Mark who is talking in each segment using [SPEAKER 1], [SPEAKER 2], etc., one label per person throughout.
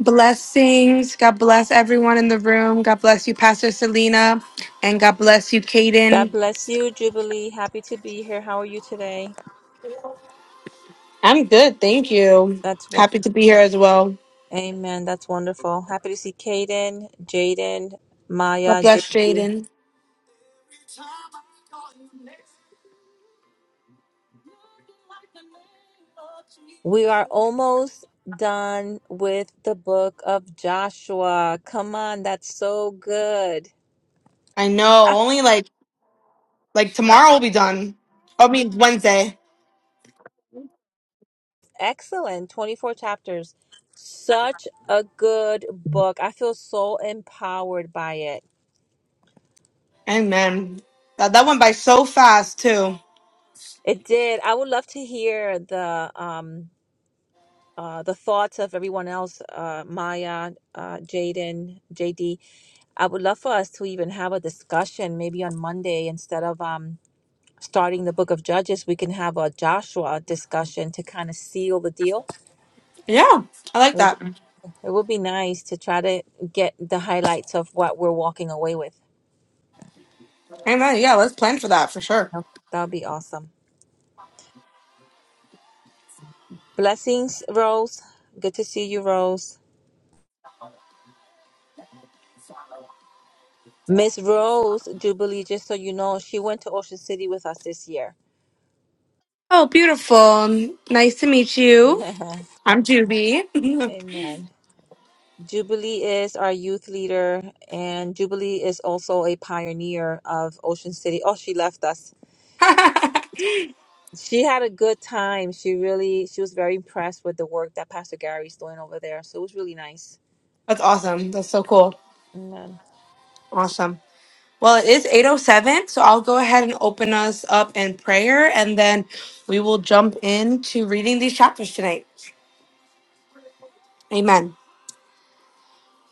[SPEAKER 1] Blessings. God bless everyone in the room. God bless you, Pastor Selena. And God bless you, Kaden.
[SPEAKER 2] God bless you, Jubilee. Happy to be here. How are you today?
[SPEAKER 1] I'm good. Thank you.
[SPEAKER 2] That's wo-
[SPEAKER 1] Happy to be here as well.
[SPEAKER 2] Amen. That's wonderful. Happy to see Kaden, Jaden,
[SPEAKER 1] God
[SPEAKER 2] Maya. J-
[SPEAKER 1] bless Jaden.
[SPEAKER 2] we are almost done with the book of Joshua. Come on, that's so good.
[SPEAKER 1] I know.
[SPEAKER 2] Ah,
[SPEAKER 1] Only like like tomorrow will be done. I mean Wednesday.
[SPEAKER 2] Excellent. 24 chapters. Such a good book. I feel so empowered by it.
[SPEAKER 1] Amen. That that went by so fast too.
[SPEAKER 2] It did. I would love to hear the um uh, the thoughts of everyone else, uh, Maya, uh, Jaden, JD. I would love for us to even have a discussion maybe on Monday instead of um, starting the book of Judges, we can have a Joshua discussion to kind of seal the deal.
[SPEAKER 1] Yeah. I like
[SPEAKER 2] It would,
[SPEAKER 1] that.
[SPEAKER 2] it would be nice to try to get the highlights of what we're walking away with.
[SPEAKER 1] Amen. Yeah, let's plan for that for sure.
[SPEAKER 2] Okay. That would be awesome. Blessings, Rose. Good to see you, Rose. Miss Rose Jubilee, just so you know, she went to Ocean City with us this year.
[SPEAKER 1] Oh, beautiful. Nice to meet you. I'm Juby.
[SPEAKER 2] Amen. Jubilee is our youth leader, and Jubilee is also a pioneer of Ocean City. Oh, she left us. She had a good time. She really, she was very impressed with the work that Pastor Gary's doing over there. So it was really nice.
[SPEAKER 1] That's awesome. That's so cool.
[SPEAKER 2] Amen.
[SPEAKER 1] Awesome. Well, it is 807, so I'll go ahead and open us up in prayer and then we will jump into reading these chapters tonight. Amen.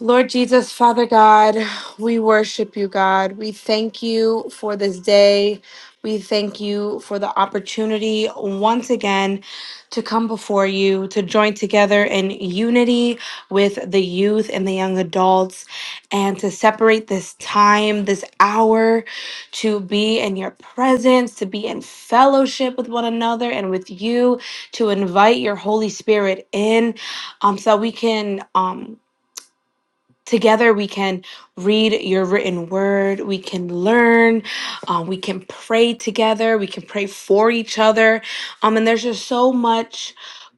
[SPEAKER 1] Lord Jesus, Father God, we worship you, God. We thank you for this day. We thank you for the opportunity once again to come before you, to join together in unity with the youth and the young adults, and to separate this time, this hour, to be in your presence, to be in fellowship with one another and with you, to invite your Holy Spirit in um, so we can. Um, Together, we can read your written word. We can learn. uh, we can pray together. We can pray for each other. Um, and there's just so much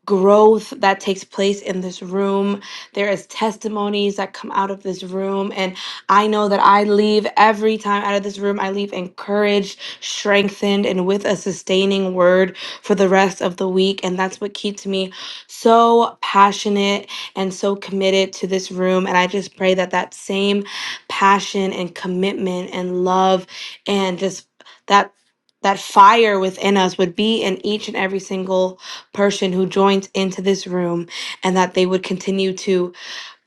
[SPEAKER 1] growth that takes place in this room. There is testimonies that come out of this room. And I know that I leave every time out of this room, I leave encouraged, strengthened, and with a sustaining word for the rest of the week. And that's what keeps me so passionate and so committed to this room. And I just pray that that same passion and commitment and love and just that that fire within us would be in each and every single person who joins into this room and that they would continue to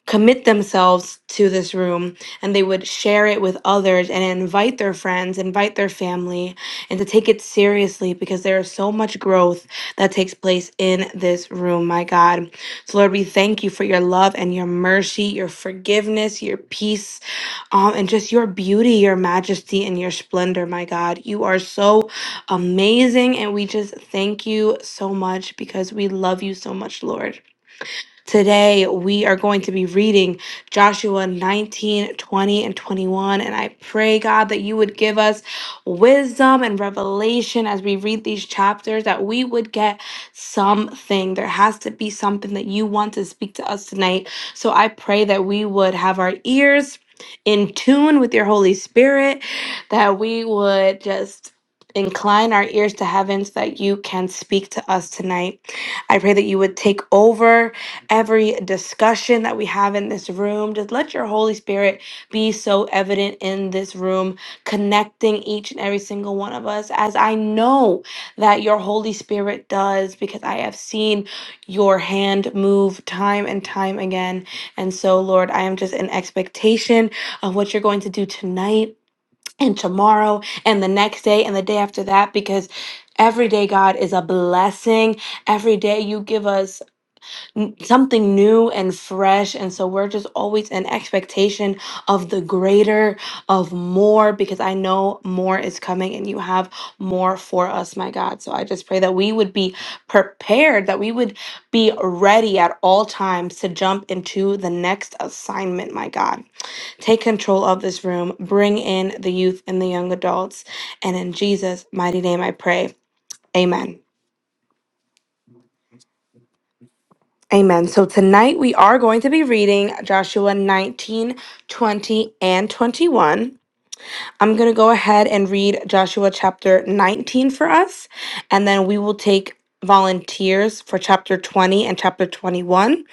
[SPEAKER 1] commit themselves to this room and they would share it with others and invite their friends, invite their family, and to take it seriously because there is so much growth that takes place in this room, my God. So, Lord, we thank you for your love and your mercy, your forgiveness, your peace, um, and just your beauty, your majesty, and your splendor, my God. You are so amazing, and we just thank you so much because we love you so much, Lord. Today, we are going to be reading Joshua 19, 20, and 21. And I pray, God, that you would give us wisdom and revelation as we read these chapters, that we would get something. There has to be something that you want to speak to us tonight. So I pray that we would have our ears in tune with your Holy Spirit, that we would just incline our ears to heaven so that you can speak to us tonight. I pray that you would take over every discussion that we have in this room. Just let your Holy Spirit be so evident in this room, connecting each and every single one of us, as I know that your Holy Spirit does, because I have seen your hand move time and time again. And so, Lord, I am just in expectation of what you're going to do tonight. And tomorrow, and the next day, and the day after that, because every day, God, is a blessing. Every day, you give us n- something new and fresh and so we're just always in expectation of the greater of more because i know more is coming and you have more for us my god so i just pray that we would be prepared that we would be ready at all times to jump into the next assignment my god take control of this room bring in the youth and the young adults and in jesus mighty name i pray amen Amen. So tonight we are going to be reading Joshua 19, 20, and 21. I'm going to go ahead and read Joshua chapter 19 for us, and then we will take volunteers for chapter 20 and chapter 21.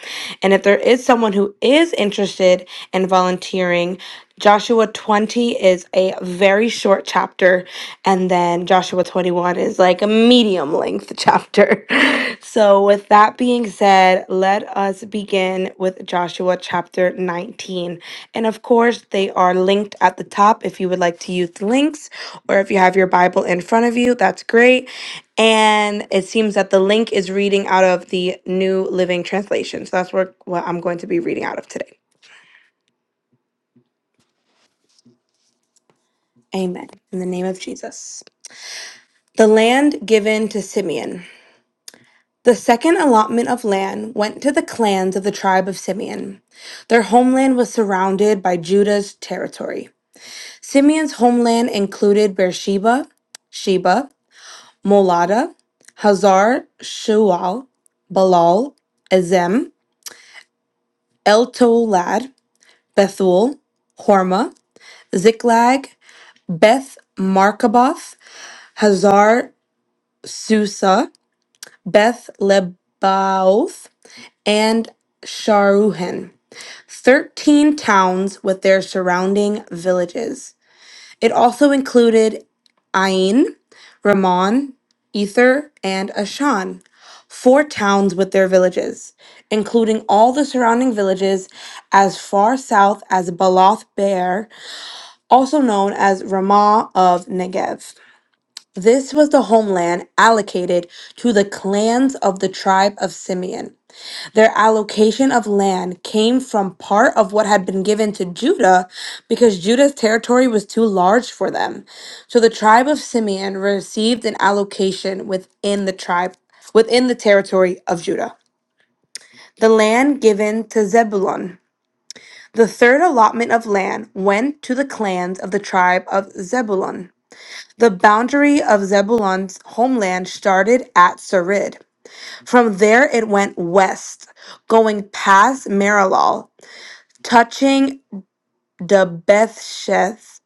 [SPEAKER 1] And if there is someone who is interested in volunteering, Joshua 20 is a very short chapter, and then Joshua 21 is like a medium length chapter. So, with that being said, let us begin with Joshua chapter 19. And of course, they are linked at the top if you would like to use the links or if you have your Bible in front of you, that's great. And it seems that the link is reading out of the New Living Translation. So that's what, what I'm going to be reading out of today. Amen. In the name of Jesus. The land given to Simeon. The second allotment of land went to the clans of the tribe of Simeon. Their homeland was surrounded by Judah's territory. Simeon's homeland included Beersheba, Sheba, Molada, Hazar Shual, Balal, Ezem, El Tolad, Bethul, Horma, Ziklag, Beth Markaboth, Hazar Susa, Beth Lebaoth, and Sharuhen. Thirteen towns with their surrounding villages. It also included Ain, Ramon, Ether, and Ashan, four towns with their villages, including all the surrounding villages as far south as Baloth Bear, also known as Ramah of Negev. This was the homeland allocated to the clans of the tribe of Simeon. Their allocation of land came from part of what had been given to Judah because Judah's territory was too large for them. So the tribe of Simeon received an allocation within the tribe within the territory of Judah. The land given to Zebulun. The third allotment of land went to the clans of the tribe of Zebulun. The boundary of Zebulun's homeland started at Sarid. From there, it went west, going past Marilal touching the Bethsheth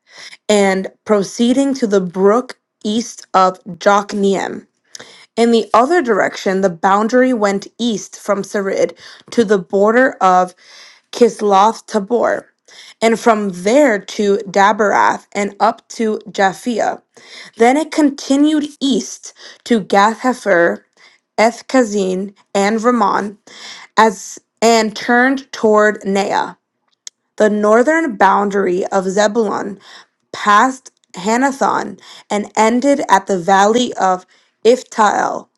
[SPEAKER 1] and proceeding to the brook east of Jokneam. In the other direction, the boundary went east from Sarid to the border of Kisloth Tabor, and from there to Dabarath and up to Japhia. Then it continued east to Gath Hefer, Eth and Ramon, as and turned toward Nea. The northern boundary of Zebulun passed Hanathon and ended at the valley of Iftael.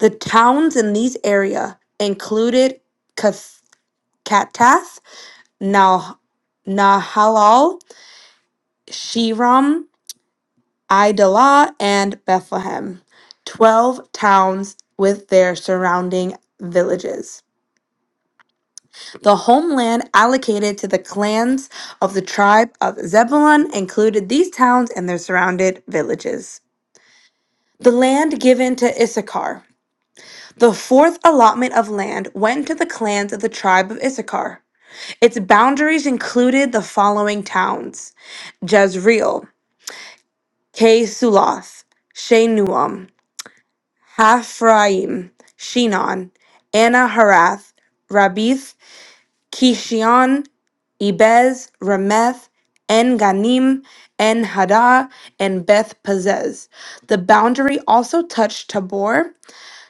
[SPEAKER 1] The towns in these area included Kath- Katath, Nahal, Nahalal, Shiram, Idalah, and Bethlehem. Twelve towns with their surrounding villages. The homeland allocated to the clans of the tribe of Zebulun included these towns and their surrounded villages. The land given to Issachar. The fourth allotment of land went to the clans of the tribe of Issachar. Its boundaries included the following towns Jezreel, K Suloth, Shenuam, Haphraim, Shinon, Anaharath, Rabith, Kishion, Ebez, Rameth, En Ganim, En Hada, and Beth Pazez. The boundary also touched Tabor,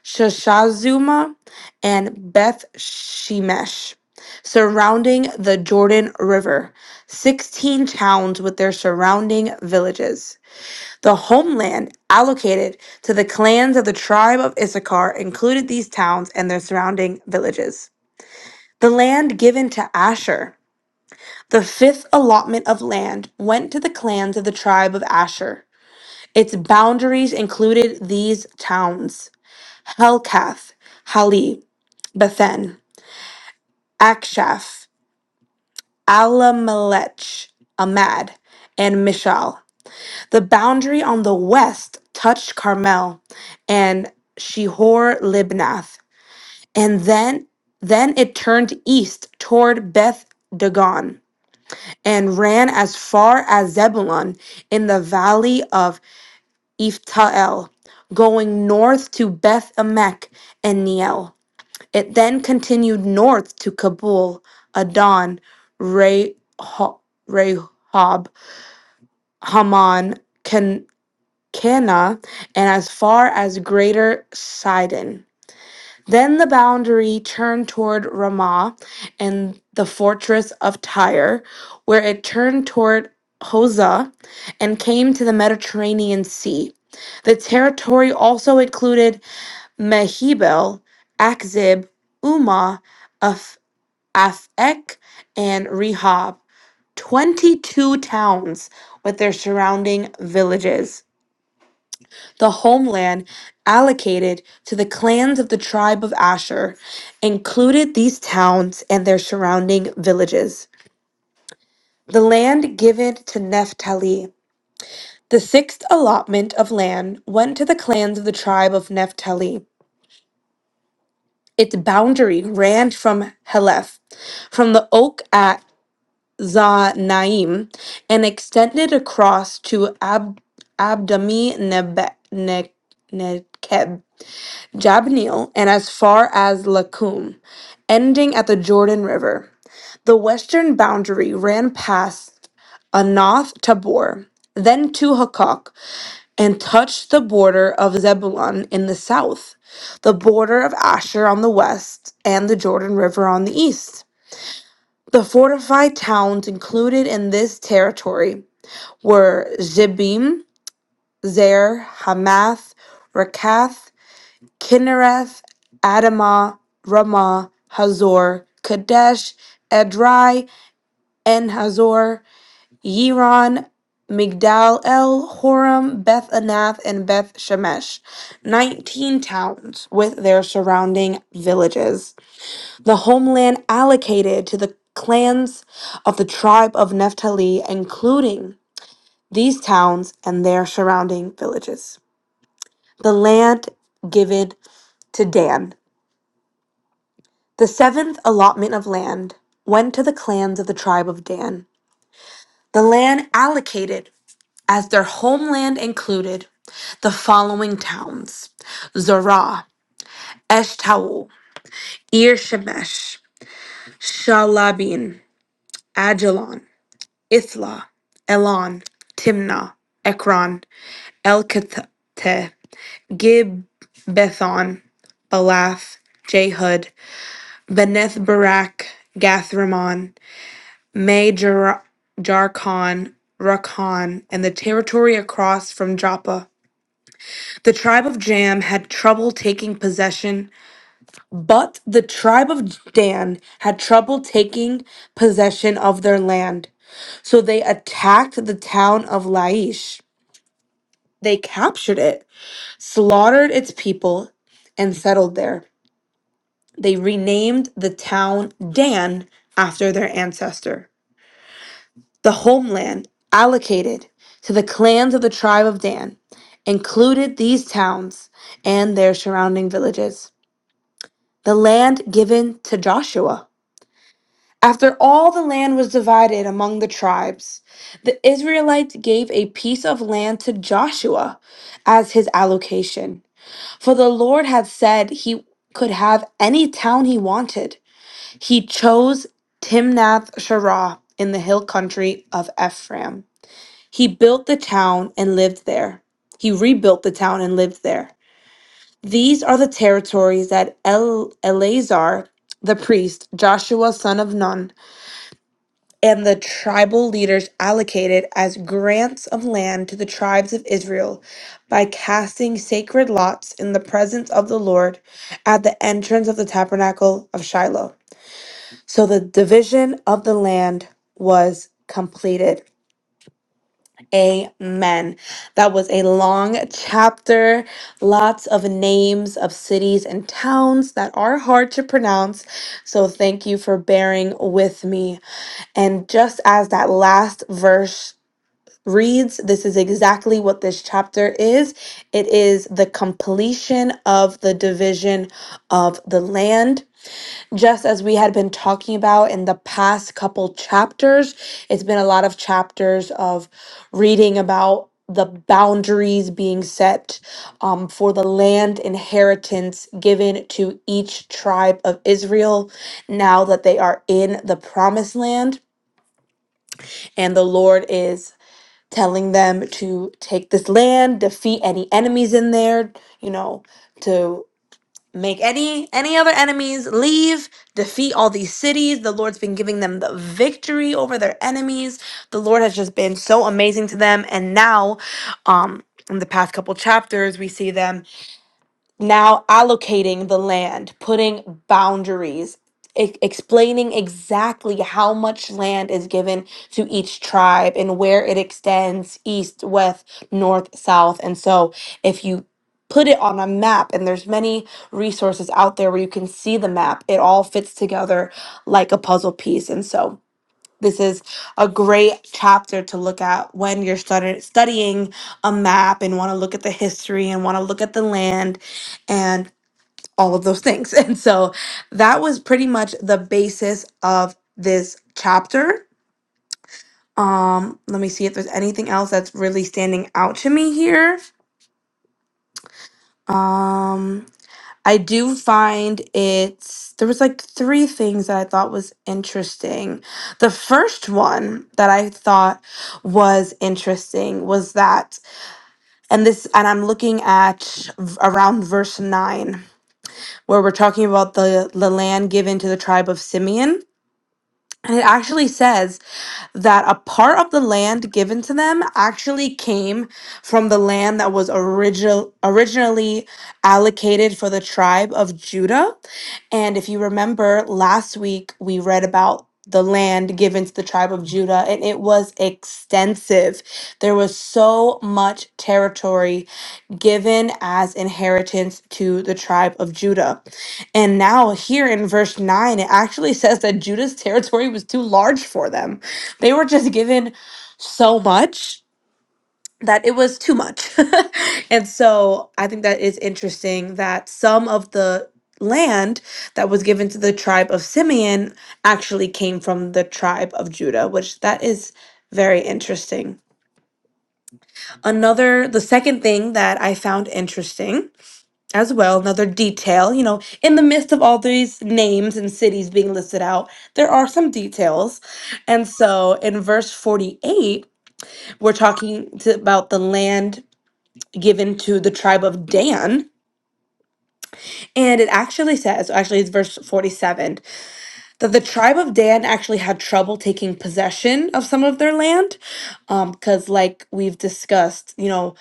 [SPEAKER 1] Shashazuma, and Beth Shemesh, surrounding the Jordan River, 16 towns with their surrounding villages. The homeland allocated to the clans of the tribe of Issachar included these towns and their surrounding villages. The land given to Asher. The fifth allotment of land went to the clans of the tribe of Asher. Its boundaries included these towns Helkath, Hali, Bethen, Akshaph, Alamelech, Amad, and Mishal. The boundary on the west touched Carmel and Shehor Libnath, and then then it turned east toward Beth Dagon. and ran as far as Zebulun in the valley of Ephtael, going north to Beth Emek and Neel. It then continued north to Kabul, Adon, Reho- Rehob, Haman, Can- Cana, and as far as Greater Sidon. Then the boundary turned toward Ramah and the fortress of Tyre, where it turned toward Hosah and came to the Mediterranean Sea. The territory also included Mehebel, Akzib, Umah, Af- Afek, and Rehob, 22 towns with their surrounding villages the homeland allocated to the clans of the tribe of Asher included these towns and their surrounding villages. The land given to Naphtali, The sixth allotment of land went to the clans of the tribe of Naphtali. Its boundary ran from Heleph, from the oak at Zanaim, and extended across to Ab- Abdami Neb Ne- Nekeb. Jabneel, and as far as Lakum, ending at the Jordan River. The western boundary ran past Anoth Tabor, then to Hakok, and touched the border of Zebulun in the south, the border of Asher on the west, and the Jordan River on the east. The fortified towns included in this territory were Zebim, Zer, Hamath, Rakath, Kinnereth, Adamah, Ramah, Hazor, Kadesh, Edrei, and Hazor, Yiron, Migdal El, Horam, Beth Anath, and Beth Shemesh, 19 towns with their surrounding villages. The homeland allocated to the clans of the tribe of Naphtali, including these towns and their surrounding villages. The land given to Dan. The seventh allotment of land went to the clans of the tribe of Dan. The land allocated as their homeland included the following towns Zorah, Eshtaol, Ir Shemesh, Shalabin, Ajalon, Ithla, Elon, Timnah, Ekron, El Elkateh, Gib, Balath, Jehud, Beneth Barak, Gathramon, May, Jar- Jarkon, Rakan, and the territory across from Joppa. The tribe of Jam had trouble taking possession, but the tribe of Dan had trouble taking possession of their land. So they attacked the town of Laish. They captured it, slaughtered its people, and settled there. They renamed the town Dan after their ancestor. The homeland allocated to the clans of the tribe of Dan included these towns and their surrounding villages. The land given to Joshua. After all the land was divided among the tribes, the Israelites gave a piece of land to Joshua as his allocation. For the Lord had said he could have any town he wanted. He chose Timnath Sherah in the hill country of Ephraim. He built the town and lived there. He rebuilt the town and lived there. These are the territories that El- Eleazar, the priest, Joshua son of Nun, and the tribal leaders allocated as grants of land to the tribes of Israel by casting sacred lots in the presence of the Lord at the entrance of the tabernacle of Shiloh. So the division of the land was completed. Amen. That was a long chapter, lots of names of cities and towns that are hard to pronounce. So thank you for bearing with me. And just as that last verse reads, this is exactly what this chapter is it is the completion of the division of the land just as we had been talking about in the past couple chapters, it's been a lot of chapters of reading about the boundaries being set um, for the land inheritance given to each tribe of Israel now that they are in the promised land. And the Lord is telling them to take this land, defeat any enemies in there, you know, make any any other enemies leave defeat all these cities the lord's been giving them the victory over their enemies the lord has just been so amazing to them and now um in the past couple chapters we see them now allocating the land, putting boundaries, e- explaining exactly how much land is given to each tribe and where it extends east, west, north, south. And so if you put it on a map and there's many resources out there where you can see the map it all fits together like a puzzle piece and so this is a great chapter to look at when you're stud- studying a map and want to look at the history and want to look at the land and all of those things. And so that was pretty much the basis of this chapter. Um, let me see if there's anything else that's really standing out to me here. Um, I do find it's there was like three things that I thought was interesting. The first one that I thought was interesting was that and this and I'm looking at v- around verse 9 where we're talking about the the land given to the tribe of Simeon and it actually says that a part of the land given to them actually came from the land that was original originally allocated for the tribe of Judah. And if you remember last week we read about the land given to the tribe of Judah, and it was extensive. There was so much territory given as inheritance to the tribe of Judah. And now, here in verse 9, it actually says that Judah's territory was too large for them. They were just given so much that it was too much. and so I think that is interesting that some of the land that was given to the tribe of Simeon actually came from the tribe of Judah, which that is very interesting. Another, the second thing that I found interesting as well, another detail, you know, in the midst of all these names and cities being listed out, there are some details. And so in verse 48, We're talking to, about the land given to the tribe of Dan. And it actually says, actually, it's verse 47, that the tribe of Dan actually had trouble taking possession of some of their land. Because, like we've discussed, you know,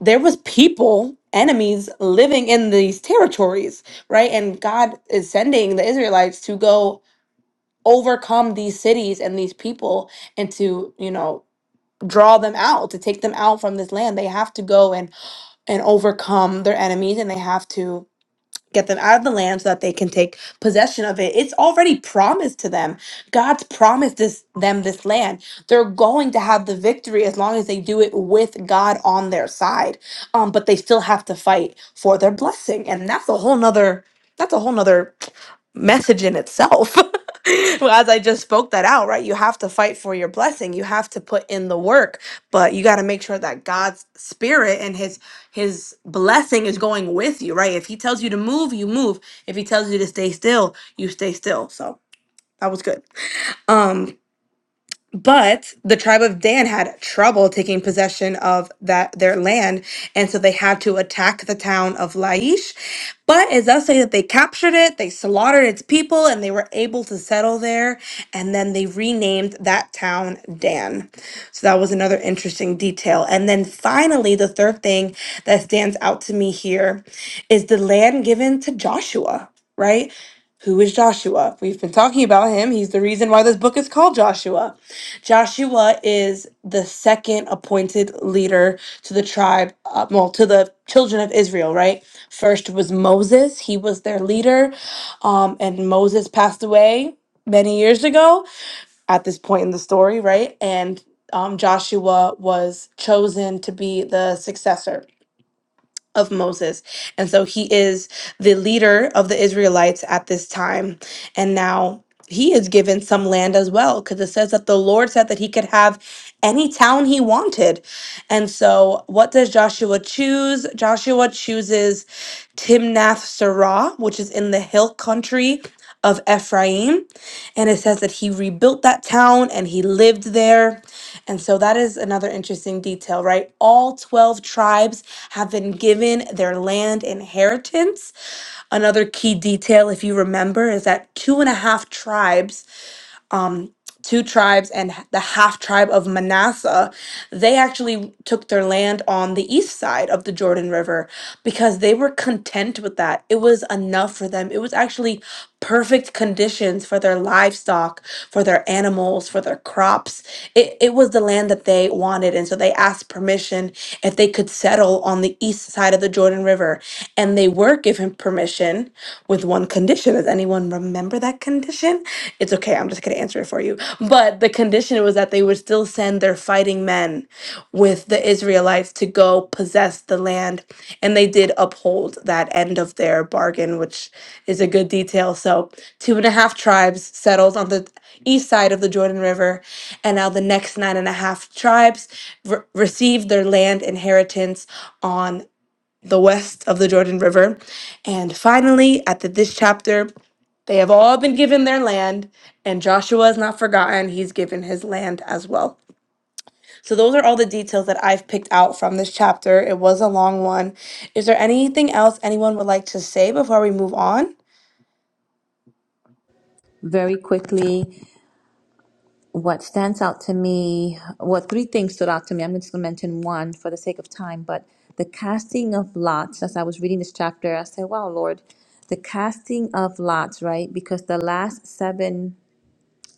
[SPEAKER 1] there was people, enemies living in these territories, right? And God is sending the Israelites to go overcome these cities and these people and to, you know, draw them out to take them out from this land they have to go and and overcome their enemies and they have to get them out of the land so that they can take possession of it. It's already promised to them. God's promised this them this land. They're going to have the victory as long as they do it with God on their side. Um, but they still have to fight for their blessing. And that's a whole nother that's a whole nother message in itself. well, as I just spoke that out, right? You have to fight for your blessing. You have to put in the work, but you got to make sure that God's spirit and his his blessing is going with you, right? If he tells you to move, you move. If he tells you to stay still, you stay still. So that was good. Um, but the tribe of Dan had trouble taking possession of that their land, and so they had to attack the town of Laish. But it does say that they captured it, they slaughtered its people, and they were able to settle there. And then they renamed that town Dan. So that was another interesting detail. And then finally, the third thing that stands out to me here is the land given to Joshua, right? Who is Joshua? We've been talking about him. He's the reason why this book is called Joshua. Joshua is the second appointed leader to the tribe, uh, well, to the children of Israel, right? First was Moses, he was their leader, um, and Moses passed away many years ago at this point in the story, right? And um, Joshua was chosen to be the successor of Moses. And so he is the leader of the Israelites at this time. And now he is given some land as well, because it says that the Lord said that he could have any town he wanted. And so what does Joshua choose? Joshua chooses Timnath Serah, which is in the hill country of Ephraim. And it says that he rebuilt that town and he lived there and so that is another interesting detail, right? All 12 tribes have been given their land inheritance. Another key detail, if you remember, is that two and a half tribes um, two tribes and the half tribe of Manasseh, they actually took their land on the east side of the Jordan River because they were content with that. It was enough for them. It was actually perfect conditions for their livestock, for their animals, for their crops. It, it was the land that they wanted. And so they asked permission if they could settle on the east side of the Jordan River. And they were given permission with one um, condition. Does anyone remember that condition? It's okay. I'm just going to answer it for you. But the condition was that they would still send their fighting men with the Israelites to go possess the land. And they did uphold that end of their bargain, which is a good detail. So, two and a half tribes settled on the east side of the Jordan River. And now the next nine and a half tribes re- received their land inheritance on the west of the Jordan River. And finally, at the, this chapter, they have all been given their land, and Joshua is not forgotten. He's given his land as well. So, those are all the details that I've picked out from this chapter. It was a long one. Is there anything else anyone would like to say before we move on?
[SPEAKER 2] Very quickly, what stands out to me, what three things stood out to me. I'm just going to mention one for the sake of time, but the casting of lots, as I was reading this chapter, I said, Wow, Lord, the casting of lots, right? Because the last seven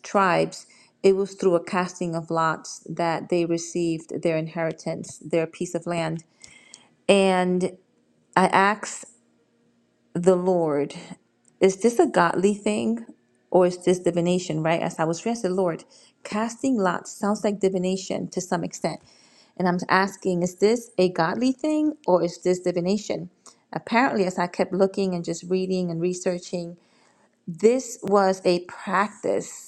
[SPEAKER 2] tribes, it was through a casting of lots that they received their inheritance, their piece of land. And I asked the Lord, is this a godly thing or is this divination, right? As I was praying, I said, Lord, casting lots sounds like divination to some extent. And I'm asking, is this a godly thing or is this divination? Apparently, as I kept looking and just reading and researching, this was a practice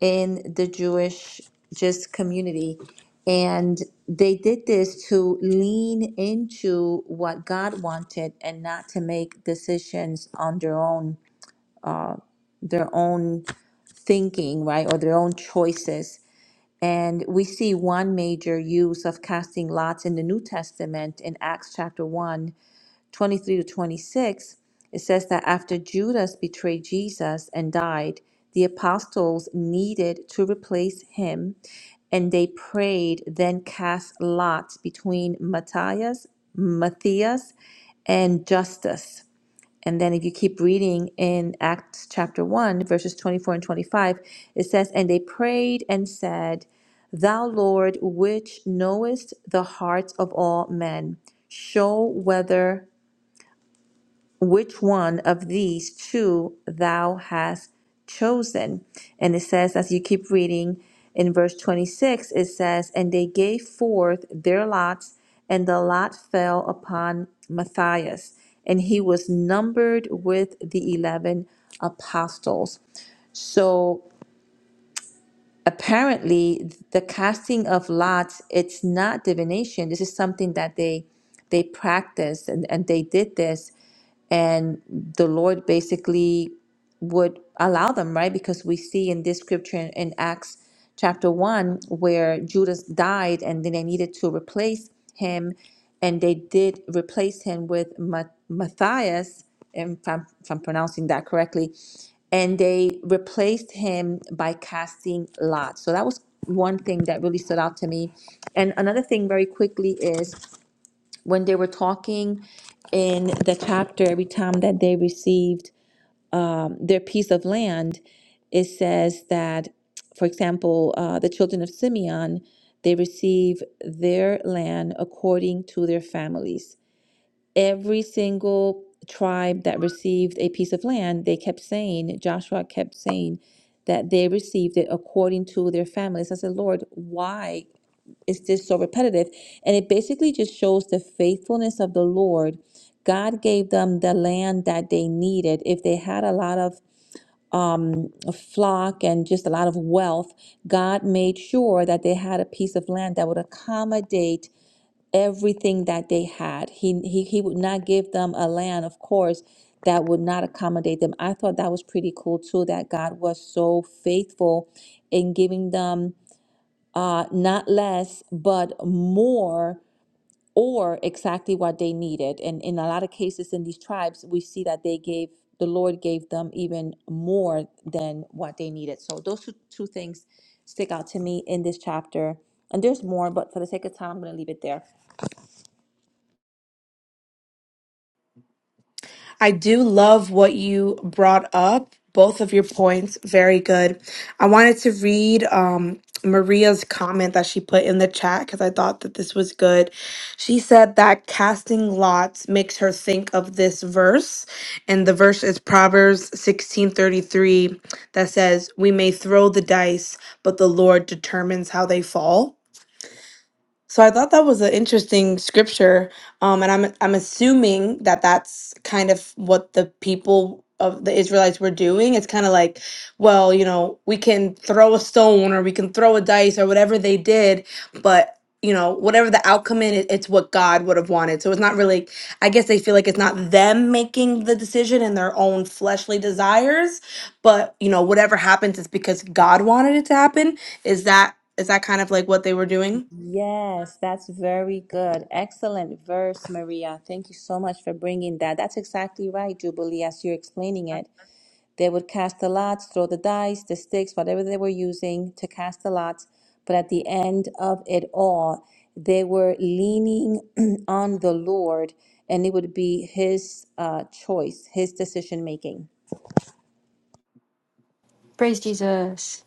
[SPEAKER 2] in the Jewish just community. And they did this to lean into what God wanted and not to make decisions on their own their own thinking, right, or their own choices. And we see one major use of casting lots in the New Testament in Acts chapter 1 23 to 26, it says that after Judas betrayed Jesus and died, the apostles needed to replace him, and they prayed, then cast lots between Matthias, Matthias, and Justus. And then if you keep reading in Acts chapter 1, verses 24 and 25, it says, And they prayed and said, Thou Lord, which knowest the hearts of all men, show whether which one of these two thou hast chosen. And it says, as you keep reading in verse 26, it says, And they gave forth their lots, and the lot fell upon Matthias, and he was numbered with the 11 apostles. So apparently the casting of lots it's not divination this is something that they they practiced and, and they did this and the lord basically would allow them, right? Because we see in this scripture in, in Acts chapter 1 where Judas died and then they needed to replace him and they did replace him with Ma- Matthias, if I'm, if I'm pronouncing that correctly, and they replaced him by casting lots. So that was one thing that really stood out to me. And another thing, very quickly, is when they were talking in the chapter, every time that they received their piece of land, it says that, for example, uh, the children of Simeon, they receive their land according to their families. Every single tribe that received a piece of land, they kept saying, Joshua kept saying, that they received it according to their families. I said, Lord, why is this so repetitive? And it basically just shows the faithfulness of the Lord. God gave them the land that they needed. If they had a lot of um, a flock and just a lot of wealth, God made sure that they had a piece of land that would accommodate everything that they had. He, he, he would not give them a land, of course, that would not accommodate them. I thought that was pretty cool too, that God was so faithful in giving them uh, not less, but more or exactly what they needed. And in a lot of cases in these tribes, we see that they gave, the Lord gave them even more than what they needed. So those two, two things stick out to me in this chapter. And there's more, but for the sake of time, I'm going to leave it there.
[SPEAKER 1] I do love what you brought up. Both of your points, very good. I wanted to read um, Maria's comment that she put in the chat because I thought that this was good. She said that casting lots makes her think of this verse, and the verse is Proverbs sixteen thirty three that says, "We may throw the dice, but the Lord determines how they fall." So I thought that was an interesting scripture, um, and I'm I'm assuming that that's kind of what the people of the Israelites were doing. It's kind of like, well, you know, we can throw a stone or we can throw a dice or whatever they did, but you know, whatever the outcome in it, it's what God would have wanted. So it's not really. I guess they feel like it's not them making the decision and their own fleshly desires, but you know whatever happens is because god wanted it to happen is that is that kind of like what they were doing
[SPEAKER 2] Yes, that's very good. Excellent verse, Maria. Thank you so much for bringing that. That's exactly right, Jubilee, as you're explaining it. They would cast the lots, throw the dice, the sticks, whatever they were using to cast the lots. But at the end of it all, they were leaning on the Lord, and it would be His uh, choice, His decision making.
[SPEAKER 3] Praise Jesus.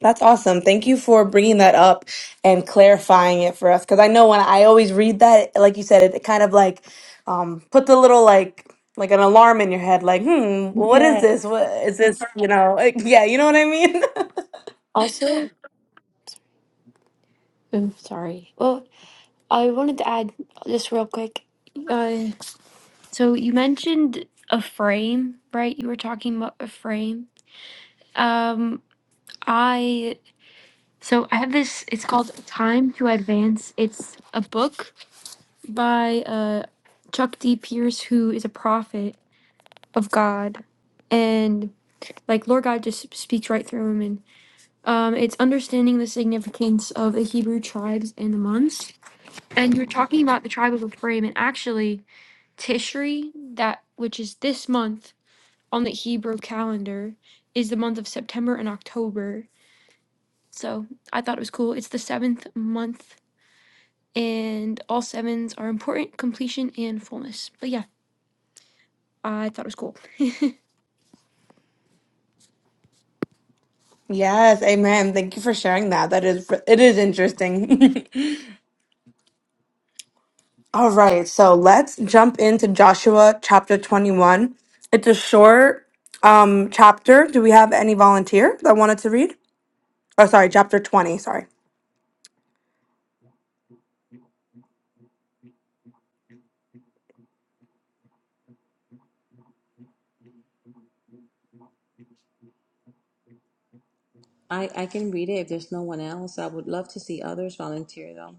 [SPEAKER 1] That's awesome. Thank you for bringing that up and clarifying it for us. Because I know when I always read that, like you said, it, it kind of like um, put the little like like an alarm in your head, like, hmm, what is
[SPEAKER 2] Yes.
[SPEAKER 1] this? What is this? You know, like, yeah, you know what I mean.
[SPEAKER 3] Also, oh, sorry. Well, I wanted to add just real quick. Uh, so you mentioned a frame, right? You were talking about a frame. Um, I so I have this. It's called Time to Advance. It's a book by uh, Chuck D. Pierce, who is a prophet of God, and like Lord God just speaks right through him. And um, it's understanding the significance of the Hebrew tribes and the months And you're talking about the tribe of Ephraim, and actually, Tishri, that which is this month on the Hebrew calendar, is the month of September and October. So I thought it was cool. It's the seventh month, and all sevens are important, completion, and fullness. But yeah, I thought it was cool.
[SPEAKER 1] yes, amen. Thank you for sharing that. That is it is interesting. All right, so let's jump into Joshua chapter twenty one. It's a short um chapter. Do we have any volunteer that wanted to read? Oh, sorry, chapter twenty. Sorry.
[SPEAKER 2] I, I can read it if there's no one else. I would love to see others volunteer though.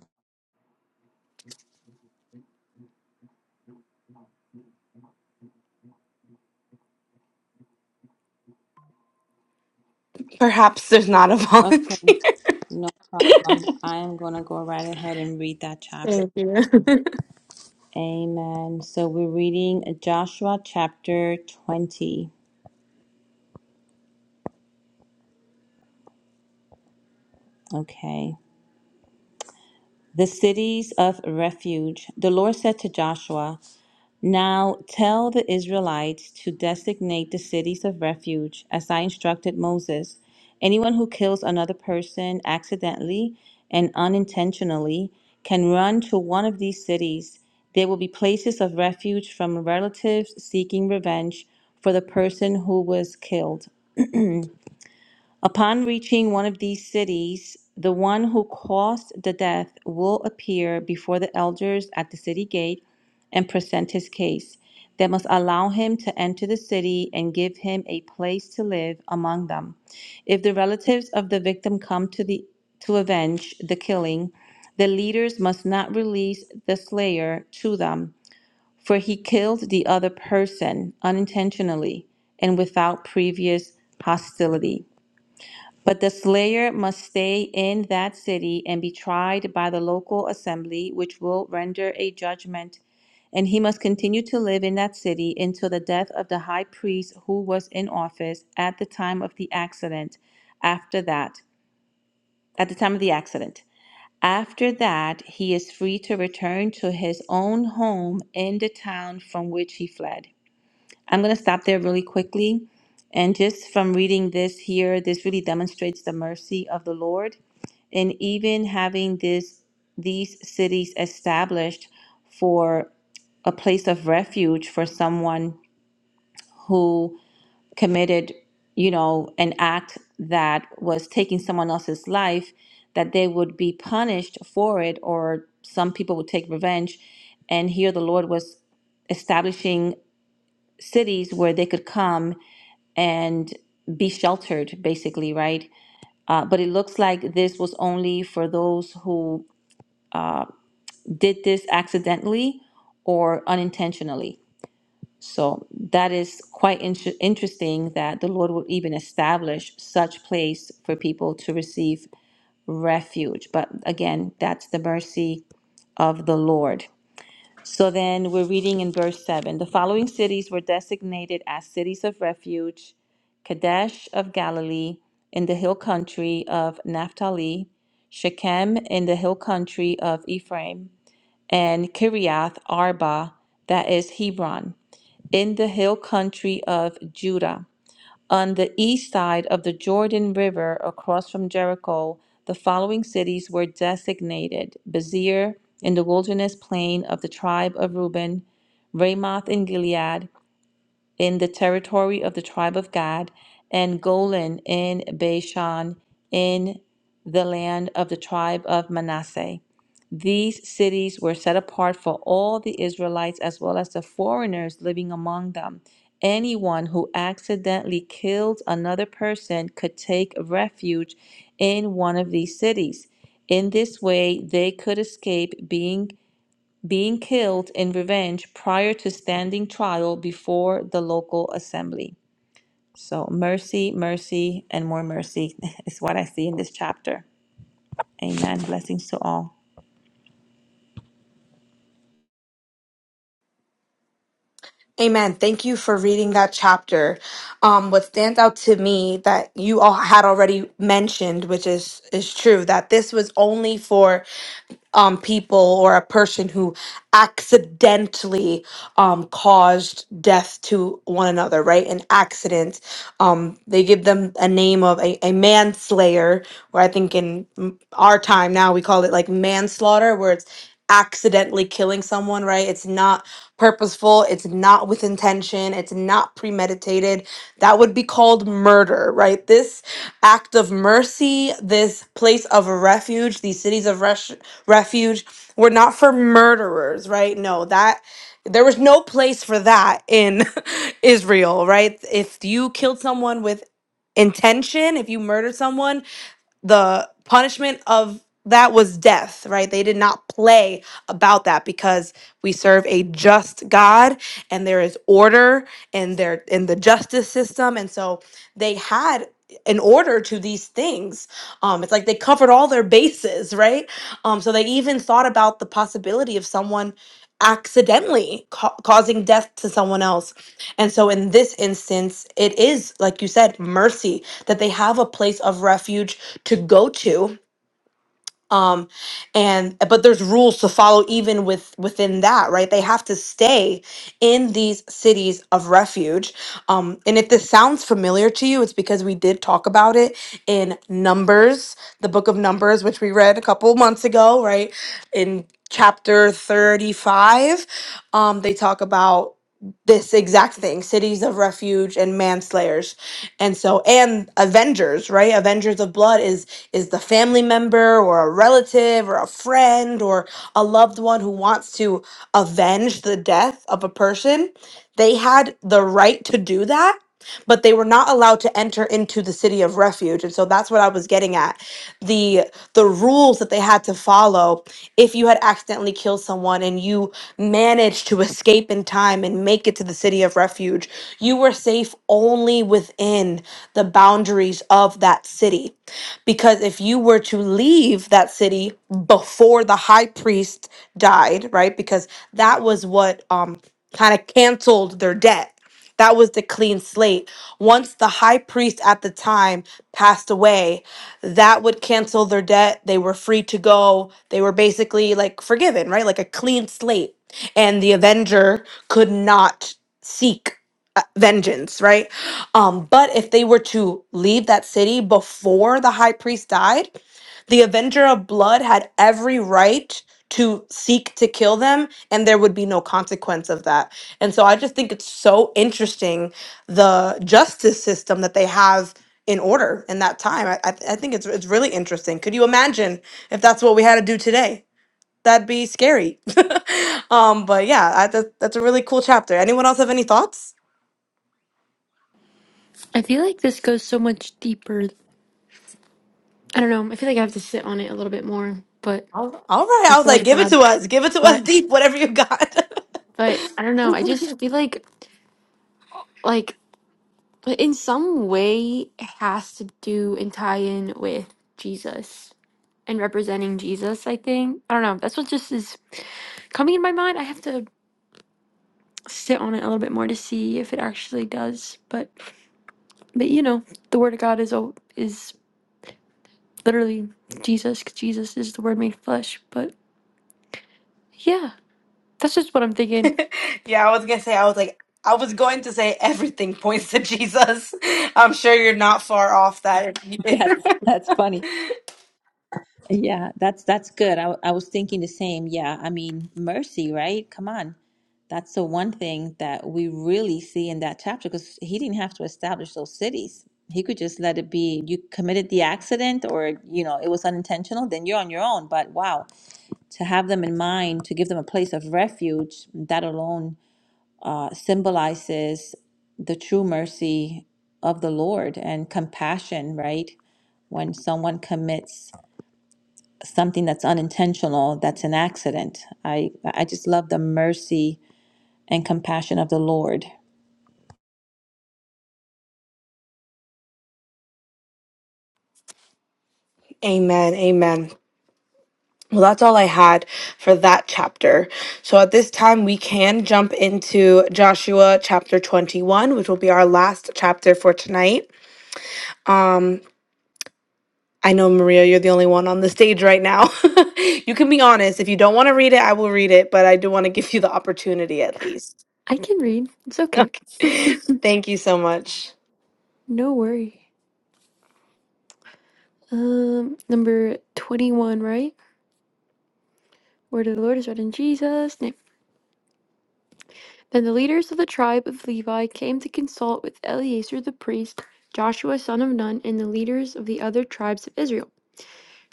[SPEAKER 1] Perhaps there's not a
[SPEAKER 2] Okay,
[SPEAKER 1] volunteer.
[SPEAKER 2] no problem. I am going to go right ahead and read that chapter.
[SPEAKER 1] Thank you.
[SPEAKER 2] Amen. So we're reading Joshua chapter 20. Okay. the cities of refuge. The Lord said to Joshua, Now tell the Israelites to designate the cities of refuge, as I instructed Moses. Anyone who kills another person accidentally and unintentionally can run to one of these cities. They will be places of refuge from relatives seeking revenge for the person who was killed. Upon reaching one of these cities, the one who caused the death will appear before the elders at the city gate and present his case. They must allow him to enter the city and give him a place to live among them. If the relatives of the victim come to the to avenge the killing, the leaders must not release the slayer to them, for he killed the other person unintentionally and without previous hostility. But the slayer must stay in that city and be tried by the local assembly, which will render a judgment. And he must continue to live in that city until the death of the high priest who was in office at the time of the accident. After that, at the time of the accident. After that, he is free to return to his own home in the town from which he fled. I'm going to stop there really quickly. And just from reading this here, this really demonstrates the mercy of the Lord. And even having this these cities established for a place of refuge for someone who committed, you know, an act that was taking someone else's life, that they would be punished for it, or some people would take revenge. And here the Lord was establishing cities where they could come and be sheltered, basically, right? Uh, but it looks like this was only for those who did this accidentally or unintentionally. So that is quite inter- interesting that the Lord would even establish such place for people to receive refuge. But again, that's the mercy of the Lord. So then we're reading in verse 7 the following cities were designated as cities of refuge Kadesh of Galilee in the hill country of Naphtali, Shechem in the hill country of Ephraim, and Kiriath Arba, that is Hebron, in the hill country of Judah. On the east side of the Jordan River, across from Jericho, the following cities were designated Bezir in the wilderness plain of the tribe of Reuben, Ramoth in Gilead, in the territory of the tribe of Gad, and Golan in Bashan, in the land of the tribe of Manasseh. These cities were set apart for all the Israelites as well as the foreigners living among them. Anyone who accidentally killed another person could take refuge in one of these cities. In this way, they could escape being being killed in revenge prior to standing trial before the local assembly. So, mercy, mercy, and more mercy is what I see in this chapter. Amen. Blessings to all.
[SPEAKER 1] Amen. Thank you for reading that chapter. Um, what stands out to me that you all had already mentioned, which is is true, that this was only for um, people or a person who accidentally um, caused death to one another, right? An accident. Um, they give them a name of a, a manslayer, where I think in mm, our time now we call it like manslaughter, where it's accidentally killing someone, right? It's not purposeful, it's not with intention, it's not premeditated. That would be called murder, right? This act of mercy, this place of refuge, these cities of res- refuge were not for murderers, right? No, that there was no place for that in Israel, right? If you killed someone with intention, if you murdered someone, the punishment of that was death, right? They did not play about that because we serve a just God and there is order in there in the justice system. And so they had an order to these things. Um, it's like they covered all their bases, right? Um, so they even thought about the possibility of someone accidentally ca- causing death to someone else. And so in this instance, it is, like you said, mercy that they have a place of refuge to go to um and but there's rules to follow even with within that right they have to stay in these cities of refuge um and if this sounds familiar to you it's because we did talk about it in numbers the book of numbers which we read a couple months ago right in chapter 35 um they talk about this exact thing cities of refuge and manslayers and so and avengers right avengers of blood is is the family member or a relative or a friend or a loved one who wants to avenge the death of a person, they had the right to do that. But they were not allowed to enter into the city of refuge, and so that's what I was getting at. the The rules that they had to follow if you had accidentally killed someone and you managed to escape in time and make it to the city of refuge, you were safe only within the boundaries of that city. Because if you were to leave that city before the high priest died, right? Because that was what um, kind of canceled their debt. That was the clean slate. Once the high priest at the time passed away, that would cancel their debt. They were free to go. They were basically like forgiven, right? Like a clean slate. And the avenger could not seek uh, vengeance, right? Um, but if they were to leave that city before the high priest died, the Avenger of Blood had every right to seek to kill them, and there would be no consequence of that. And so I just think it's so interesting the justice system that they have in order in that time. I, I, I think it's it's really interesting. Could you imagine if that's what we had to do today? That'd be scary. um, but yeah, I, that, that's a really cool chapter. Anyone else have any thoughts?
[SPEAKER 3] I feel like this goes so much deeper. I don't know. I feel like I have to sit on it a little bit more, but
[SPEAKER 1] All right. all right. I
[SPEAKER 3] it's
[SPEAKER 1] was
[SPEAKER 3] all
[SPEAKER 1] like, give it
[SPEAKER 3] God.
[SPEAKER 1] to us. Give it to us
[SPEAKER 3] But
[SPEAKER 1] deep, whatever you got.
[SPEAKER 3] but I don't know. I just feel like like but in some way it has to do and tie in with Jesus and representing Jesus, I think. I don't know. That's what just is coming in my mind. I have to sit on it a little bit more to see if it actually does. But but you know, the word of God is al- is literally Jesus 'cause Jesus is the word made flesh. But yeah, that's just what I'm thinking.
[SPEAKER 1] yeah, I was going to say, I was like, I was going to say everything points to Jesus. I'm sure you're not far off that.
[SPEAKER 2] That's that's funny. Yeah, that's that's good. I, I was thinking the same. Yeah, I mean, mercy, right? Come on. That's the one thing that we really see in that chapter because he didn't have to establish those cities. He could just let it be. You committed the accident or, you know, it was unintentional, then you're on your own. But wow. to have them in mind, to give them a place of refuge, that alone uh, symbolizes the true mercy of the Lord and compassion, right? When someone commits something that's unintentional, that's an accident. I, I just love the mercy and compassion of the Lord.
[SPEAKER 1] amen. Amen. Well, that's all I had for that chapter. So at this time, we can jump into Joshua chapter 21, which will be our last chapter for tonight. Um, I know, Maria, you're the only one on the stage right now. you can be honest. If you don't want to read it, I will read it, but I do want to give you the opportunity at least.
[SPEAKER 3] I can read. It's okay.
[SPEAKER 1] Thank you so much.
[SPEAKER 3] No worry. Um, number 21, right? Word of the Lord is read in Jesus. Then the leaders of the tribe of Levi came to consult with Eleazar the priest, Joshua son of Nun, and the leaders of the other tribes of Israel.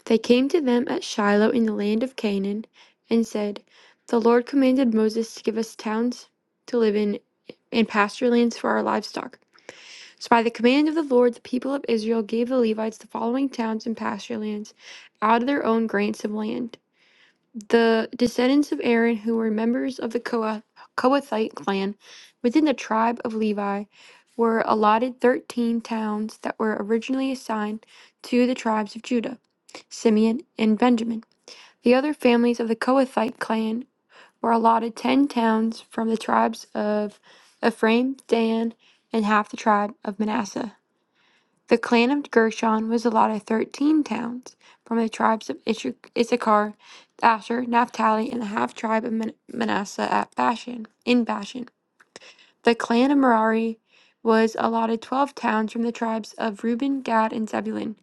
[SPEAKER 3] They came to them at Shiloh in the land of Canaan and said, The Lord commanded Moses to give us towns to live in and pasture lands for our livestock. So by the command of the Lord, the people of Israel gave the Levites the following towns and pasture lands out of their own grants of land. The descendants of Aaron, who were members of the Kohath- Kohathite clan within the tribe of Levi, were allotted 13 towns that were originally assigned to the tribes of Judah, Simeon, and Benjamin. The other families of the Kohathite clan were allotted 10 towns from the tribes of Ephraim, Dan, and half the tribe of Manasseh. The clan of Gershon was allotted thirteen towns from the tribes of Ish- Issachar, Asher, Naphtali, and the half tribe of Man- Manasseh at Bashan, in Bashan. The clan of Merari was allotted twelve towns from the tribes of Reuben, Gad, and Zebulun.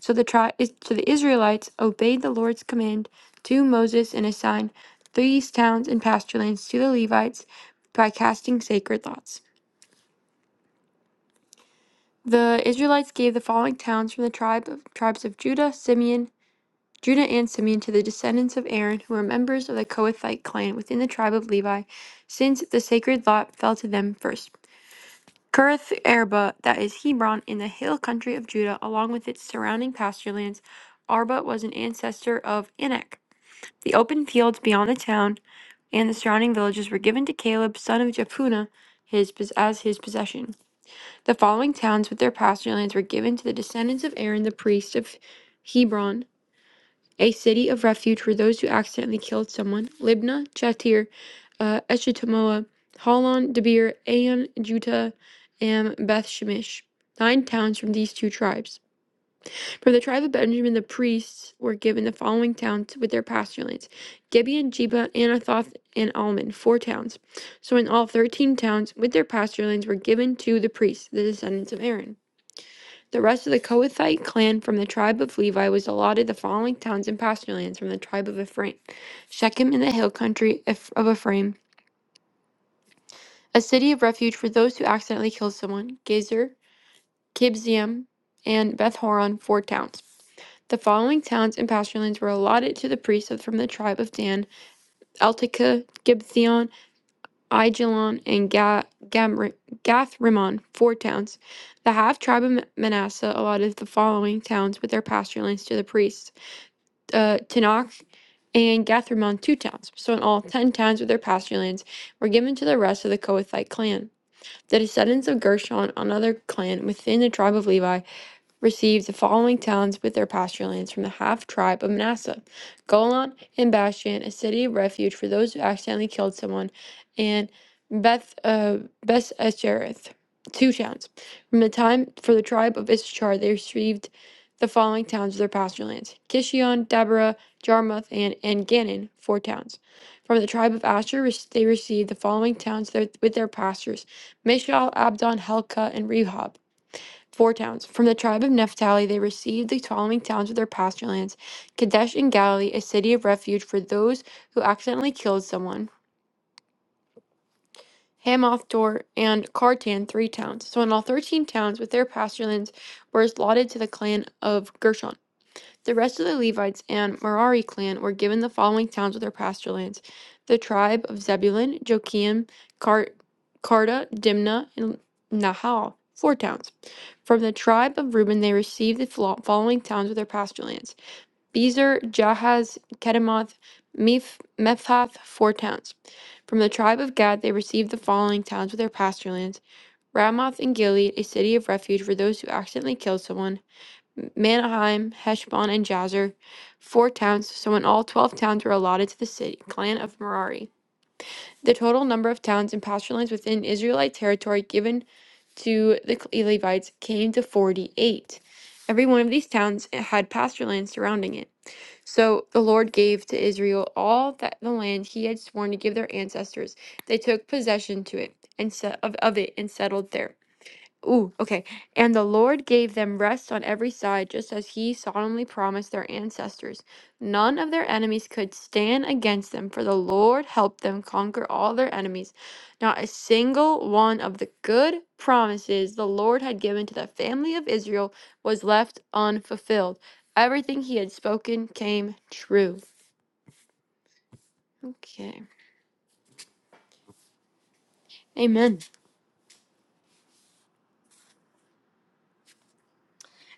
[SPEAKER 3] So the tri- is- so the Israelites obeyed the Lord's command to Moses and assigned these towns and pasture lands to the Levites by casting sacred lots. The Israelites gave the following towns from the tribe of, tribes of Judah, Simeon, Judah and Simeon to the descendants of Aaron, who were members of the Kohathite clan within the tribe of Levi, since the sacred lot fell to them first. Kirath Arba, that is Hebron, in the hill country of Judah, along with its surrounding pasture lands, Arba was an ancestor of Anak. The open fields beyond the town and the surrounding villages were given to Caleb, son of Jephunneh, his pos- as his possession. The following towns with their pasture lands were given to the descendants of Aaron, the priest of Hebron, a city of refuge for those who accidentally killed someone. Libna, Chatir, uh, Eshtamoa, Holon, Debir, Aon, Juta, and Beth Shemesh. Nine towns from these two tribes. From the tribe of Benjamin, the priests were given the following towns with their pasture lands Gibeon, Jeba, Anathoth, and Almon, four towns. So in all, thirteen towns with their pasture lands were given to the priests, the descendants of Aaron. The rest of the Kohathite clan from the tribe of Levi was allotted the following towns and pasture lands from the tribe of Ephraim Shechem in the hill country of Ephraim, a city of refuge for those who accidentally kill someone, Gezer, Kibziam, and Beth Horon, four towns. The following towns and pasture lands were allotted to the priests from the tribe of Dan Eltika, Gibeon, Aijalon, and Ga- Gamri- Gathrimmon, four towns. The half tribe of Manasseh allotted the following towns with their pasture lands to the priests. uh, Tanakh and Gathrimon two towns. So in all, ten towns with their pasture lands were given to the rest of the Kohathite clan. The descendants of Gershon, another clan within the tribe of Levi, received the following towns with their pasture lands from the half tribe of Manasseh Golan and Bashan, a city of refuge for those who accidentally killed someone, and Beth uh, Beth Eshereth, two towns. From the time for the tribe of Issachar, they received the following towns with their pasture lands Kishion, Deborah, Jarmuth, and, and Gannon, four towns. From the tribe of Asher, re- they received the following towns there, with their pastures Mishal, Abdon, Helka, and Rehob. Four towns. From the tribe of Naphtali, they received the following towns of their pasture lands Kadesh in Galilee, a city of refuge for those who accidentally killed someone. Hamath Dor and Kartan, three towns. So in all thirteen towns with their pasture lands were allotted to the clan of Gershon. The rest of the Levites and Merari clan were given the following towns with their pasture lands: the tribe of Zebulun, Joachim, Karta, Carta, Dimna, and Nahal, four towns. From the tribe of Reuben, they received the following towns with their pasture lands: Bezer, Jahaz, Kedemoth, Mephath, four towns. From the tribe of Gad, they received the following towns with their pasture lands: Ramoth and Gilead, a city of refuge for those who accidentally killed someone, M- Manaheim, Heshbon, and Jazer, four towns, so in all twelve towns were allotted to the city, clan of Merari. The total number of towns and pasture lands within Israelite territory given to the Levites came to 48. Every one of these towns had pasture land surrounding it. So the Lord gave to Israel all that the land he had sworn to give their ancestors. They took possession to it and set of, of it and settled there. Ooh, okay. And the Lord gave them rest on every side, just as he solemnly promised their ancestors. None of their enemies could stand against them, for the Lord helped them conquer all their enemies. Not a single one of the good promises the Lord had given to the family of Israel was left unfulfilled. Everything he had spoken came true. Okay. Amen.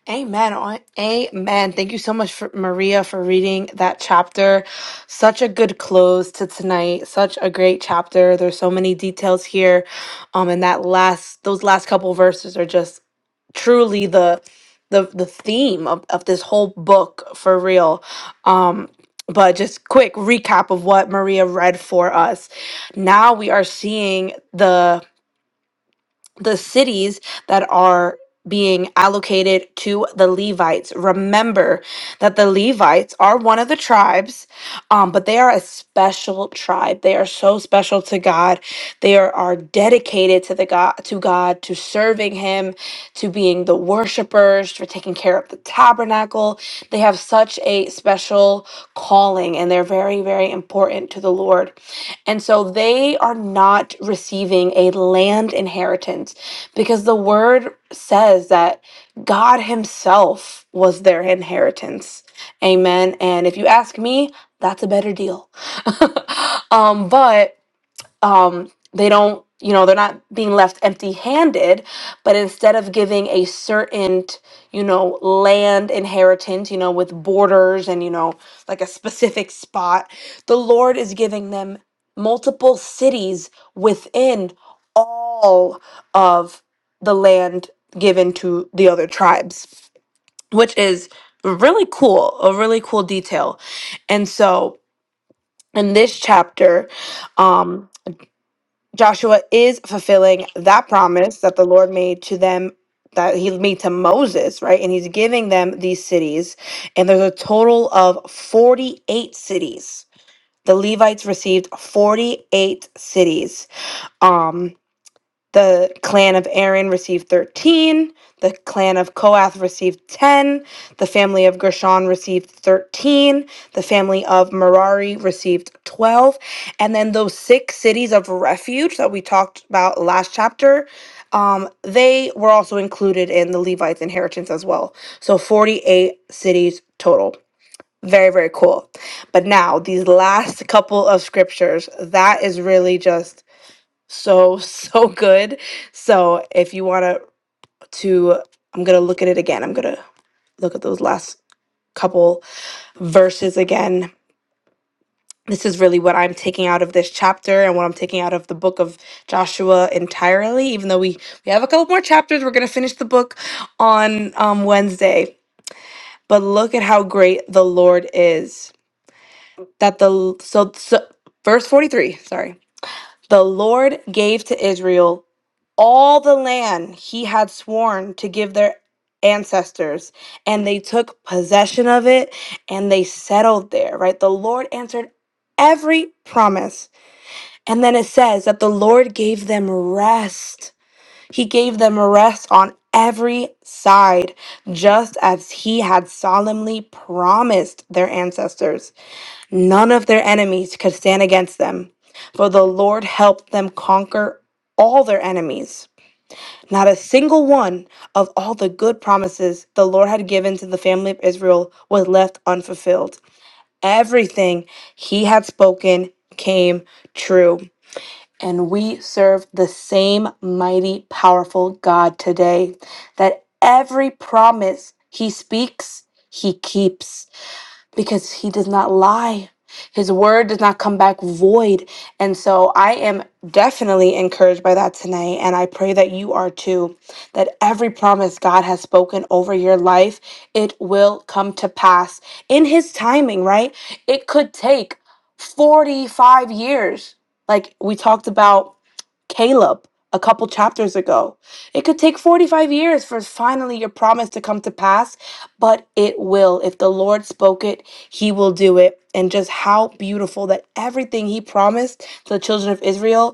[SPEAKER 1] Amen. On Amen. Thank you so much for Maria for reading that chapter. Such a good close to tonight. Such a great chapter. There's so many details here. Um and that last those last couple verses are just truly the the the theme of, of this whole book for real. Um but just quick recap of what Maria read for us. Now we are seeing the the cities that are being allocated to the Levites. Remember that the Levites are one of the tribes, um, but they are a special tribe. They are so special to God. They are, are dedicated to the God, to God, to serving Him, to being the worshipers, for taking care of the tabernacle. They have such a special calling, and they're very, very important to the Lord. And so they are not receiving a land inheritance because the word says that God Himself was their inheritance. Amen. And if you ask me, that's a better deal. um, but um, they don't, you know, they're not being left empty handed, but instead of giving a certain, you know, land inheritance, you know, with borders and, you know, like a specific spot, the Lord is giving them multiple cities within all of the land given to the other tribes, which is really cool, a really cool detail. And so in this chapter, um, Joshua is fulfilling that promise that the Lord made to them that he made to Moses, right? And he's giving them these cities. And there's a total of 48 cities. The Levites received 48 cities. Um. The clan of Aaron received 13. The clan of Kohath received 10. The family of Gershon received 13. The family of Merari received 12. And then those six cities of refuge that we talked about last chapter, um, they were also included in the Levites' inheritance as well. So 48 cities total. Very, very cool. But now, these last couple of scriptures, that is really just so so good so if you want to to i'm gonna look at it again i'm gonna look at those last couple verses again this is really what i'm taking out of this chapter and what i'm taking out of the book of joshua entirely even though we we have a couple more chapters we're gonna finish the book on um, wednesday but look at how great the lord is that the so, so verse 43 sorry the lord gave to israel all the land he had sworn to give their ancestors, and they took possession of it and they settled there, right? The Lord answered every promise. And then it says that the Lord gave them rest. He gave them rest on every side, just as he had solemnly promised their ancestors. None of their enemies could stand against them, for the Lord helped them conquer all their enemies. Not a single one of all the good promises the Lord had given to the family of Israel was left unfulfilled. Everything he had spoken came true. And we serve the same mighty, powerful God today that every promise he speaks, he keeps because he does not lie. His word does not come back void. And so I am definitely encouraged by that tonight. And I pray that you are too. That every promise God has spoken over your life, it will come to pass in His timing, right? It could take 45 years. Like we talked about Caleb a couple chapters ago. It could take 45 years for finally your promise to come to pass, but it will. If the Lord spoke it, he will do it. And just how beautiful that everything he promised to the children of Israel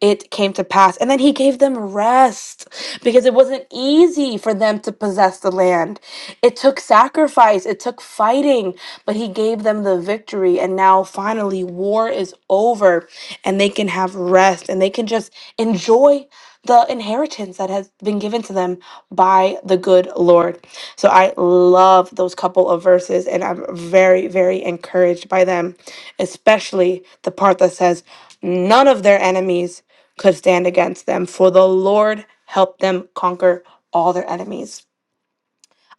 [SPEAKER 1] it came to pass. And then he gave them rest because it wasn't easy for them to possess the land. It took sacrifice, it took fighting, but he gave them the victory. And now finally, war is over and they can have rest and they can just enjoy the inheritance that has been given to them by the good Lord. So I love those couple of verses and I'm very, very encouraged by them, especially the part that says, None of their enemies could stand against them, for the Lord helped them conquer all their enemies.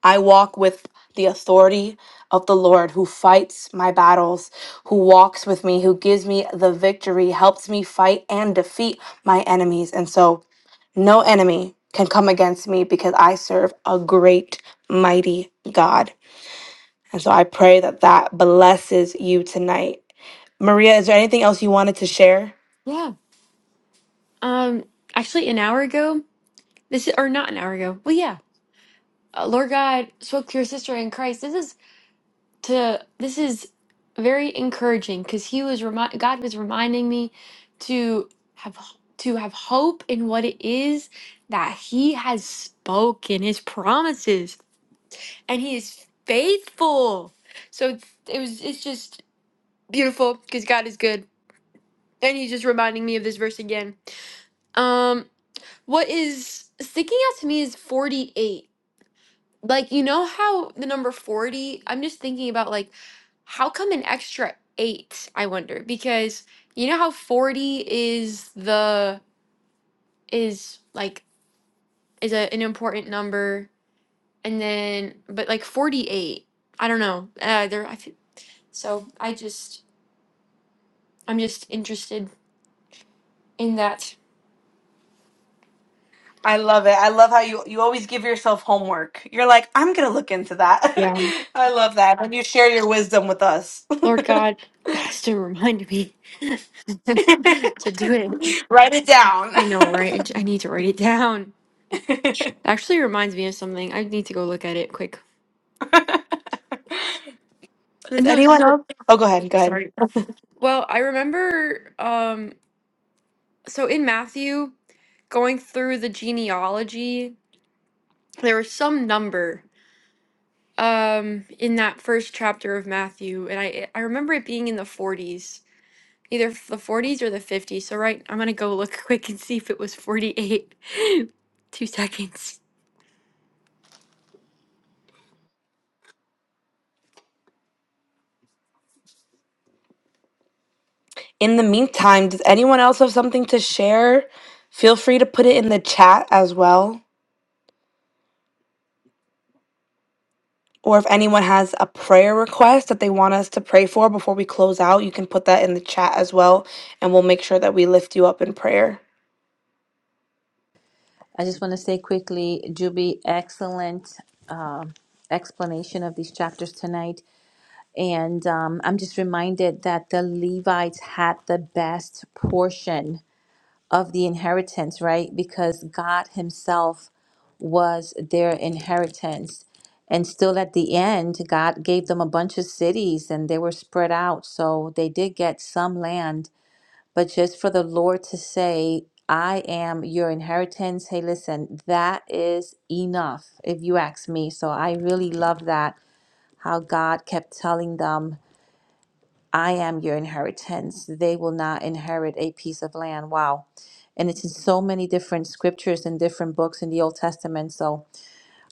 [SPEAKER 1] I walk with the authority of the Lord who fights my battles, who walks with me, who gives me the victory, helps me fight and defeat my enemies. And so no enemy can come against me because I serve a great, mighty God. And so I pray that that blesses you tonight. Maria, is there anything else you wanted to share?
[SPEAKER 3] Yeah. Um actually an hour ago, this is or not an hour ago. Well, yeah. Uh, Lord God spoke to your sister in Christ. This is to this is very encouraging because he was remind God was reminding me to have to have hope in what it is that He has spoken His promises, and He is faithful. So it's, it was it's just beautiful because God is good, and He's just reminding me of this verse again. Um, what is sticking out to me is forty eight. Like, you know how the number 40, I'm just thinking about like, how come an extra eight, I wonder? Because you know how 40 is the, is like, is a, an important number. And then, but like 48, I don't know. Uh, there, I feel, so I just, I'm just interested in that.
[SPEAKER 1] I love it. I love how you you always give yourself homework. You're like, I'm gonna look into that.
[SPEAKER 3] Yeah.
[SPEAKER 1] I love that. When you share your wisdom with us.
[SPEAKER 3] Lord God has to remind me to do it.
[SPEAKER 1] Write it down.
[SPEAKER 3] I know, right? I need to write it down. actually reminds me of something. I need to go look at it quick.
[SPEAKER 1] does
[SPEAKER 3] No,
[SPEAKER 1] anyone
[SPEAKER 3] so
[SPEAKER 1] else Oh go ahead, go ahead.
[SPEAKER 3] sorry. Well, I remember um so in Matthew going through the genealogy, there was some number um in that first chapter of Matthew and I I remember it being in the 40s, either f- the 40s or the 50s. So right, I'm going to go look quick and see if it was 48. 2 seconds.
[SPEAKER 1] In the meantime, does anyone else have something to share? Feel free to put it in the chat as well. Or if anyone has a prayer request that they want us to pray for before we close out, you can put that in the chat as well, and we'll make sure that we lift you up in prayer.
[SPEAKER 2] I just want to say quickly, Juby, excellent um explanation of these chapters tonight. And um, I'm just reminded that the Levites had the best portion of the inheritance, right? Because God Himself was their inheritance. And still at the end, God gave them a bunch of cities and they were spread out. So they did get some land. But just for the Lord to say, I am your inheritance, hey, listen, that is enough, if you ask me. So I really love that, how God kept telling them I am your inheritance. They will not inherit a piece of land. Wow. And it's in so many different scriptures and different books in the Old Testament. So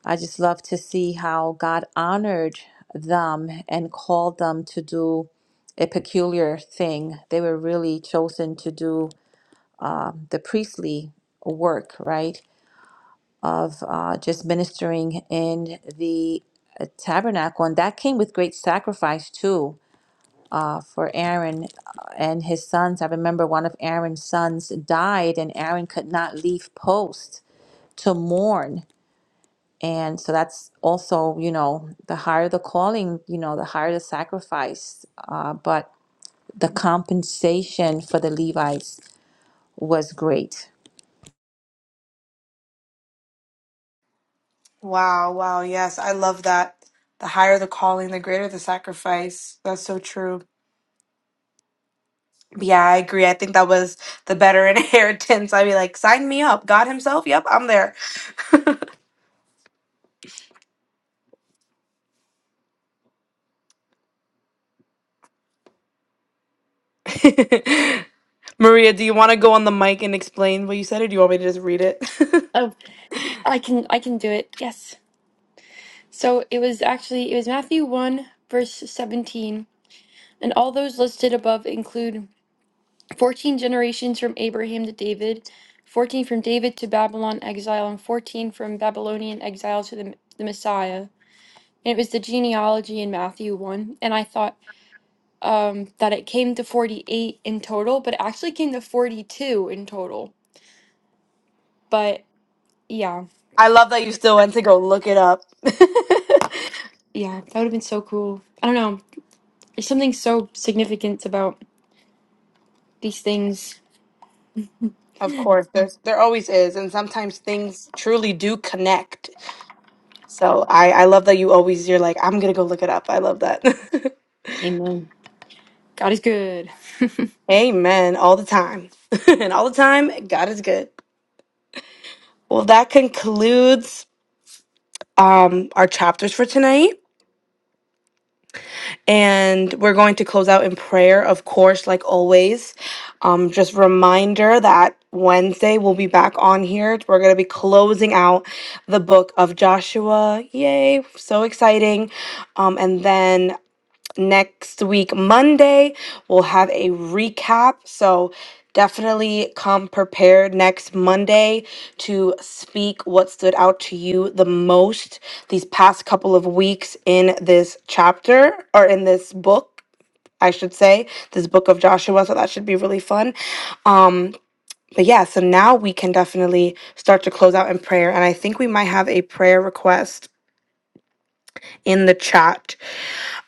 [SPEAKER 2] I just love to see how God honored them and called them to do a peculiar thing. They were really chosen to do the priestly work, right? Of uh, just ministering in the uh, tabernacle. And that came with great sacrifice, too for Aaron uh, and his sons. I remember one of Aaron's sons died, and Aaron could not leave post to mourn. And so that's also, you know, the higher the calling, you know, the higher the sacrifice. Uh, but the compensation for the Levites was great.
[SPEAKER 1] Wow, wow. Yes, I love that. The higher the calling, the greater the sacrifice. That's so true. Yeah, I agree. I think that was the better inheritance. I'd be like, sign me up. God Himself. Yep, I'm there. Maria, do you want to go on the mic and explain what you said, or do you want me to just read it?
[SPEAKER 3] Oh, I can I can do it. Yes. So it was actually it was Matthew 1 verse 17 And all those listed above include 14 generations from Abraham to David, 14 from David to Babylon exile, and 14 from Babylonian exile to the, the Messiah. And it was the genealogy in Matthew 1. And I thought um, that it came to 48 in total, but it actually came to 42 in total. But yeah,
[SPEAKER 1] I love that you still went to go look it up.
[SPEAKER 3] yeah, that would have been so cool. I don't know. There's something so significant about these things.
[SPEAKER 1] of course, there's there always is, and sometimes things truly do connect. So I I love that you always you're like I'm gonna go look it up. I love that.
[SPEAKER 3] Amen. God is good.
[SPEAKER 1] Amen. All the time. and all the time, God is good. Well, that concludes um, our chapters for tonight. And we're going to close out in prayer, of course, like always. Um, just reminder that Wednesday we'll be back on here. We're going to be closing out the book of Joshua. Yay! So exciting. Um, and then next week, Monday, we'll have a recap. So definitely come prepared next Monday to speak what stood out to you the most these past couple of weeks in this chapter or in this book. I should say this book of Joshua, so that should be really fun. Um, but yeah, so now we can definitely start to close out in prayer, and I think we might have a prayer request in the chat.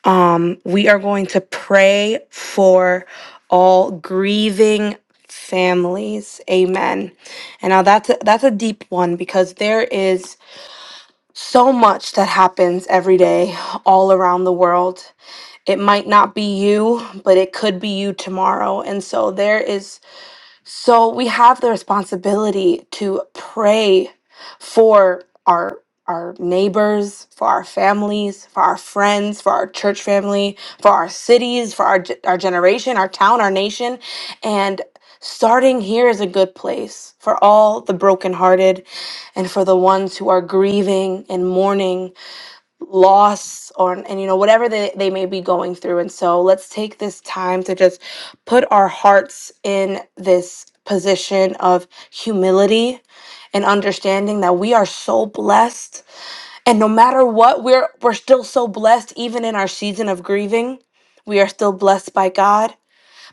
[SPEAKER 1] Um, we are going to pray for all grieving families. Amen. And now that's a, that's a deep one because there is so much that happens every day all around the world. It might not be you, but it could be you tomorrow. And so there is so we have the responsibility to pray for our our neighbors, for our families, for our friends, for our church family, for our cities, for our ge- our generation, our town, our nation, and starting here is a good place for all the brokenhearted and for the ones who are grieving and mourning loss on and you know whatever they, they may be going through and so let's take this time to just put our hearts in this position of humility and understanding that we are so blessed and no matter what we're we're still so blessed even in our season of grieving we are still blessed by god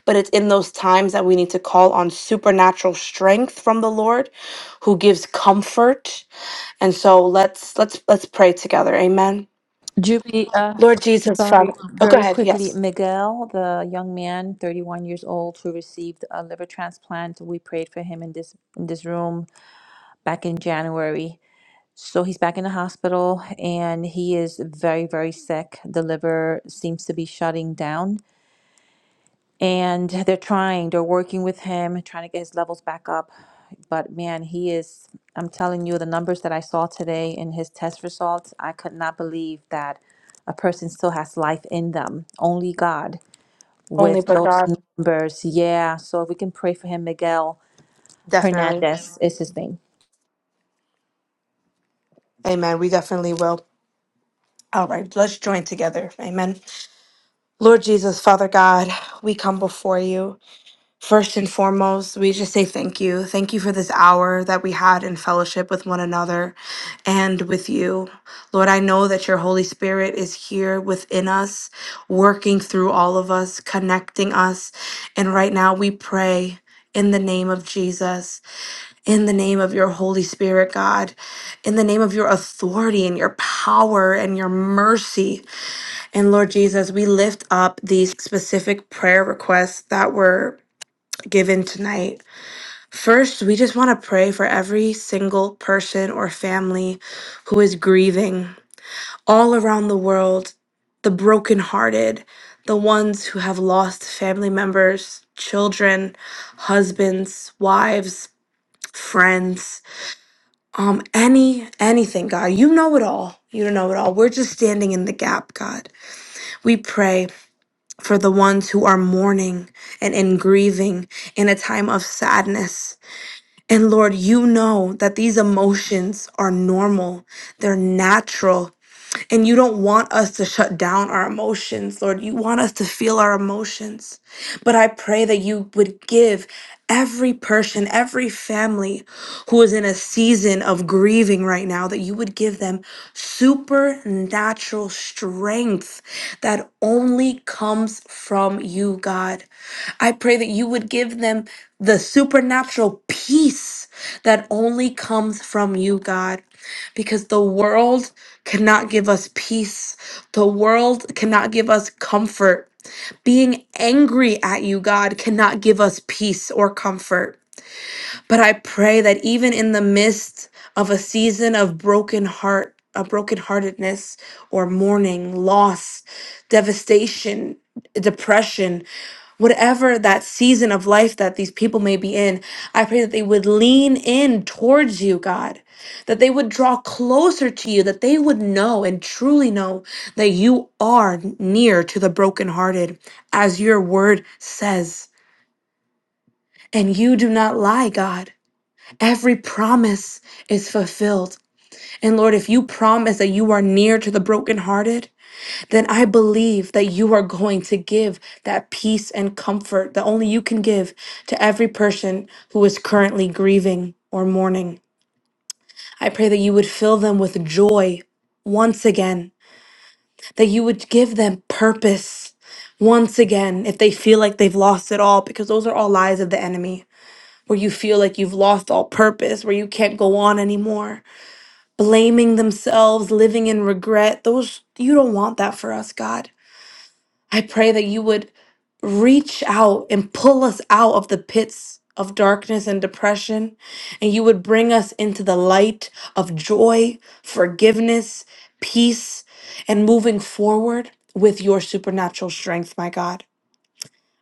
[SPEAKER 1] but it's in those times that we need to call on supernatural strength from the lord who gives comfort and so let's let's let's pray together amen
[SPEAKER 2] Jubilee, uh,
[SPEAKER 1] Lord Jesus,
[SPEAKER 2] sorry,
[SPEAKER 1] Father. Oh, go
[SPEAKER 2] very
[SPEAKER 1] ahead.
[SPEAKER 2] quickly,
[SPEAKER 1] Yes.
[SPEAKER 2] Miguel, the young man, 31 years old, who received a liver transplant. We prayed for him in this in this room back in January So he's back in the hospital and he is very, very sick. The liver seems to be shutting down. And they're trying, they're working with him, trying to get his levels back up. But man, he is, I'm telling you, the numbers that I saw today in his test results, I could not believe that a person still has life in them. Only God with those numbers. Yeah. So if we can pray for him, Miguel Hernandez is his name.
[SPEAKER 1] Amen. We definitely will. All right. Let's join together. Amen. Lord Jesus, Father God, we come before you. First and foremost, we just say thank you. Thank you for this hour that we had in fellowship with one another and with you. Lord, I know that your Holy Spirit is here within us, working through all of us, connecting us. And right now we pray in the name of Jesus in the name of your Holy Spirit, God, in the name of your authority and your power and your mercy. And Lord Jesus, we lift up these specific prayer requests that were given tonight. First, we just want to pray for every single person or family who is grieving all around the world, the brokenhearted, the ones who have lost family members, children, husbands, wives, friends um, any anything, God. You know it all. You know it all. We're just standing in the gap, God. We pray for the ones who are mourning and in grieving in a time of sadness. And Lord, you know that these emotions are normal. They're natural. And you don't want us to shut down our emotions, Lord. You want us to feel our emotions. But I pray that you would give every person, every family who is in a season of grieving right now, that you would give them supernatural strength that only comes from you, God. I pray that you would give them the supernatural peace that only comes from you, God because the world cannot give us peace. The world cannot give us comfort. Being angry at you, God, cannot give us peace or comfort. But I pray that even in the midst of a season of broken heart, a brokenheartedness or mourning, loss, devastation, depression, whatever that season of life that these people may be in, I pray that they would lean in towards you, God, that they would draw closer to you, that they would know and truly know that you are near to the brokenhearted, as your word says. And you do not lie, God. Every promise is fulfilled. And Lord, if you promise that you are near to the brokenhearted, then I believe that you are going to give that peace and comfort that only you can give to every person who is currently grieving or mourning. I pray that you would fill them with joy once again, that you would give them purpose once again if they feel like they've lost it all, because those are all lies of the enemy, where you feel like you've lost all purpose, where you can't go on anymore blaming themselves, living in regret. Those you don't want that for us, God. I pray that you would reach out and pull us out of the pits of darkness and depression, and you would bring us into the light of joy, forgiveness, peace, and moving forward with your supernatural strength, my God.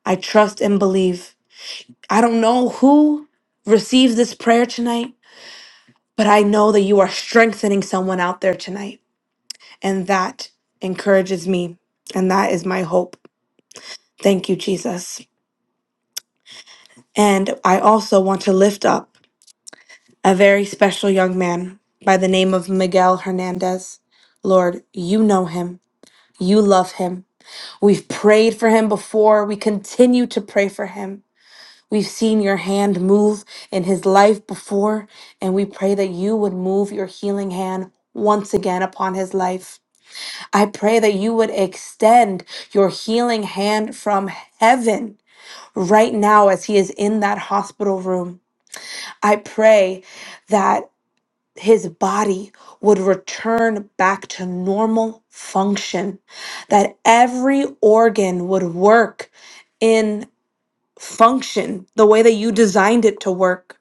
[SPEAKER 1] I trust and believe. I don't know who receives this prayer tonight, but I know that you are strengthening someone out there tonight. And that encourages me. And that is my hope. Thank you, Jesus. And I also want to lift up a very special young man by the name of Miguel Hernandez. Lord, you know him. You love him. We've prayed for him before. We continue to pray for him. We've seen your hand move in his life before, and we pray that you would move your healing hand once again upon his life. I pray that you would extend your healing hand from heaven right now as he is in that hospital room. I pray that his body would return back to normal function, that every organ would work in function the way that you designed it to work,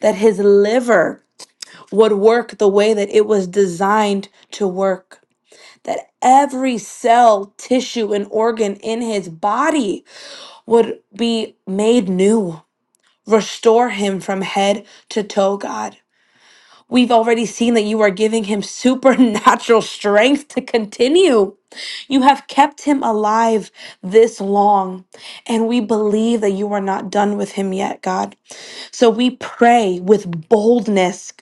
[SPEAKER 1] that his liver would work the way that it was designed to work that every cell, tissue, and organ in his body would be made new. Restore him from head to toe, God. We've already seen that you are giving him supernatural strength to continue. You have kept him alive this long, and we believe that you are not done with him yet, God. So we pray with boldness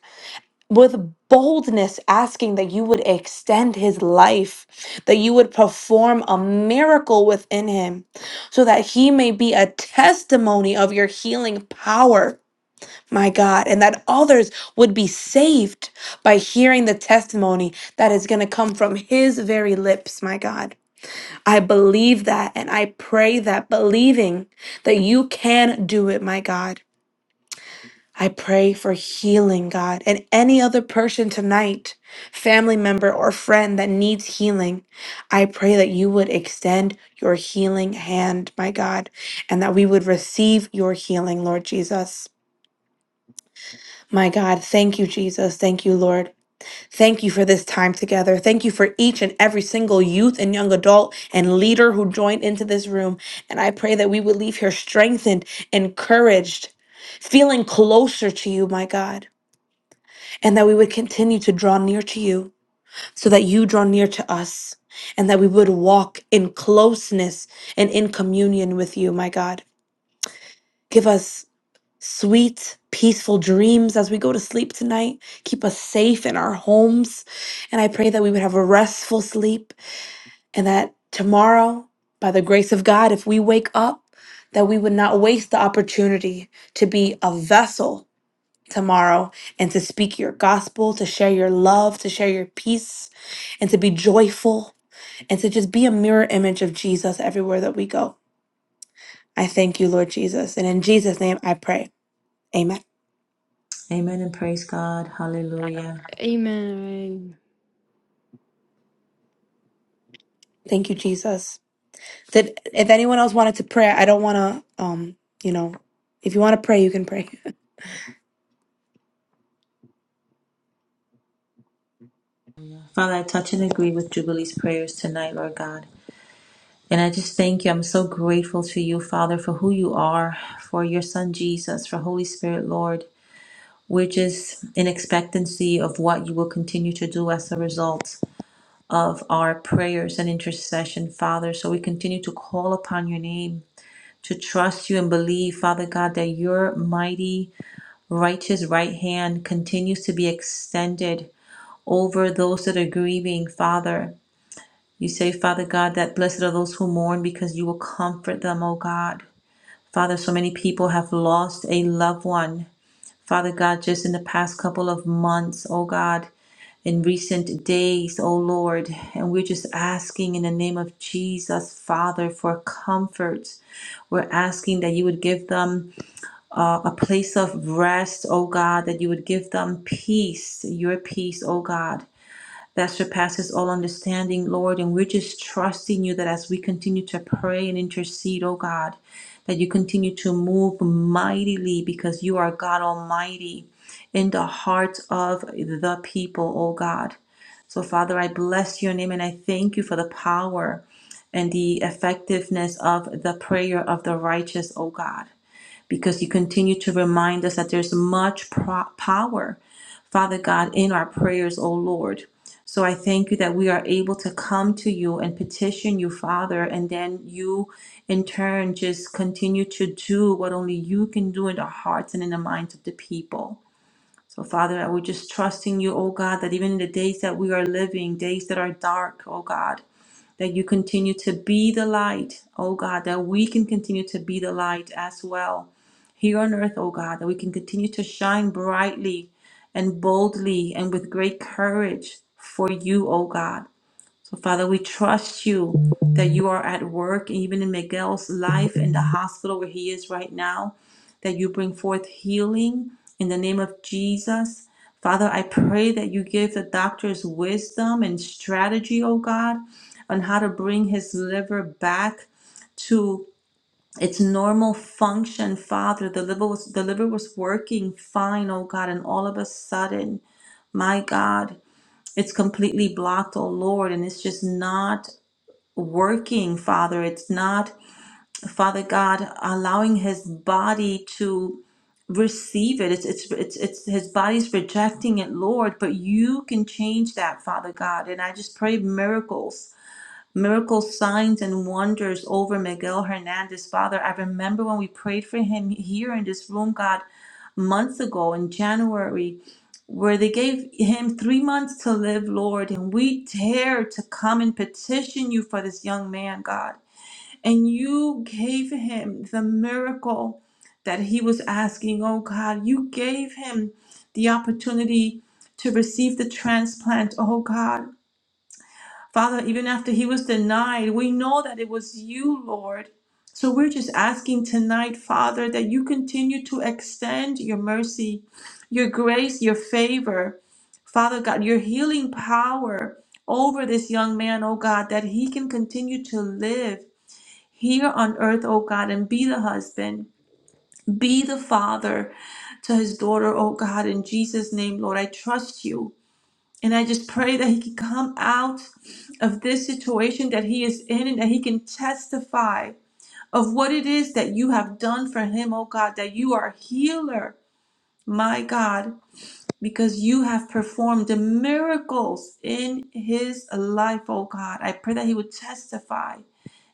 [SPEAKER 1] with boldness asking that you would extend his life, that you would perform a miracle within him, so that he may be a testimony of your healing power, my God, and that others would be saved by hearing the testimony that is going to come from his very lips, my God. I believe that and I pray that, believing that you can do it, my God. I pray for healing, God, and any other person tonight, family member or friend that needs healing. I pray that you would extend your healing hand, my God, and that we would receive your healing, Lord Jesus. My God, thank you, Jesus. Thank you, Lord. Thank you for this time together. Thank you for each and every single youth and young adult and leader who joined into this room. And I pray that we would leave here strengthened, encouraged, feeling closer to you, my God and that we would continue to draw near to you so that you draw near to us, and that we would walk in closeness and in communion with you, my God. Give us sweet, peaceful dreams as we go to sleep tonight. Keep us safe in our homes. And I pray that we would have a restful sleep and that tomorrow, by the grace of God, if we wake up, that we would not waste the opportunity to be a vessel tomorrow and to speak your gospel, to share your love, to share your peace, and to be joyful and to just be a mirror image of Jesus everywhere that we go. I thank you, Lord Jesus. And in Jesus' name I pray. Amen.
[SPEAKER 2] Amen and praise God. Hallelujah.
[SPEAKER 3] Amen.
[SPEAKER 1] Thank you, Jesus. Did if anyone else wanted to pray, I don't wanna um, you know, if you want to pray, you can pray.
[SPEAKER 2] Father, I touch and agree with Jubilee's prayers tonight, Lord God. And I just thank you. I'm so grateful to you, Father, for who you are, for your Son Jesus, for Holy Spirit, Lord. We're just in expectancy of what you will continue to do as a result of our prayers and intercession, Father. So we continue to call upon your name, to trust you and believe, Father God, that your mighty, righteous right hand continues to be extended over those that are grieving, Father. You say, Father God, that blessed are those who mourn because you will comfort them, O God. Father, so many people have lost a loved one. Father God, just in the past couple of months, O God, in recent days, O Lord. And we're just asking in the name of Jesus, Father, for comfort. We're asking that you would give them uh, a place of rest, O God, that you would give them peace, your peace, O God that surpasses all understanding, Lord. And we're just trusting you that as we continue to pray and intercede, oh God, that you continue to move mightily because you are God Almighty in the hearts of the people, oh God. So, Father, I bless your name and I thank you for the power and the effectiveness of the prayer of the righteous, oh God because you continue to remind us that there's much pro- power, Father God, in our prayers, O Lord. So I thank you that we are able to come to you and petition you, Father, and then you in turn just continue to do what only you can do in the hearts and in the minds of the people. So, Father, I we're just trusting you, oh God, that even in the days that we are living, days that are dark, oh God, that you continue to be the light, oh God, that we can continue to be the light as well here on earth, oh God, that we can continue to shine brightly and boldly and with great courage for you, oh God. So, Father, we trust you that you are at work, even in Miguel's life in the hospital where he is right now, that you bring forth healing in the name of Jesus. Father, I pray that you give the doctors wisdom and strategy, oh God, on how to bring his liver back to its normal function, Father. The liver was the liver was working fine, oh God, and all of a sudden, my God, it's completely blocked, oh Lord, and it's just not working, Father. It's not, Father God, allowing his body to receive it. It's it's it's it's his body's rejecting it, Lord, but you can change that, Father God. And I just pray miracles. Miracle signs and wonders over Miguel Hernandez. Father, I remember when we prayed for him here in this room, God, months ago in January, where they gave him three months to live, Lord, and we dare to come and petition you for this young man, God and you gave him the miracle that he was asking. Oh God, you gave him the opportunity to receive the transplant. Oh God, Father, even after he was denied, we know that it was you, Lord. So we're just asking tonight, Father, that you continue to extend your mercy, your grace, your favor. Father God, your healing power over this young man, oh God, that he can continue to live here on earth, oh God, and be the husband, be the father to his daughter, oh God, in Jesus' name, Lord. I trust you. And I just pray that he can come out of this situation that he is in and that he can testify of what it is that you have done for him, oh God, that you are a healer, my God because you have performed the miracles in his life, oh God. I pray that he would testify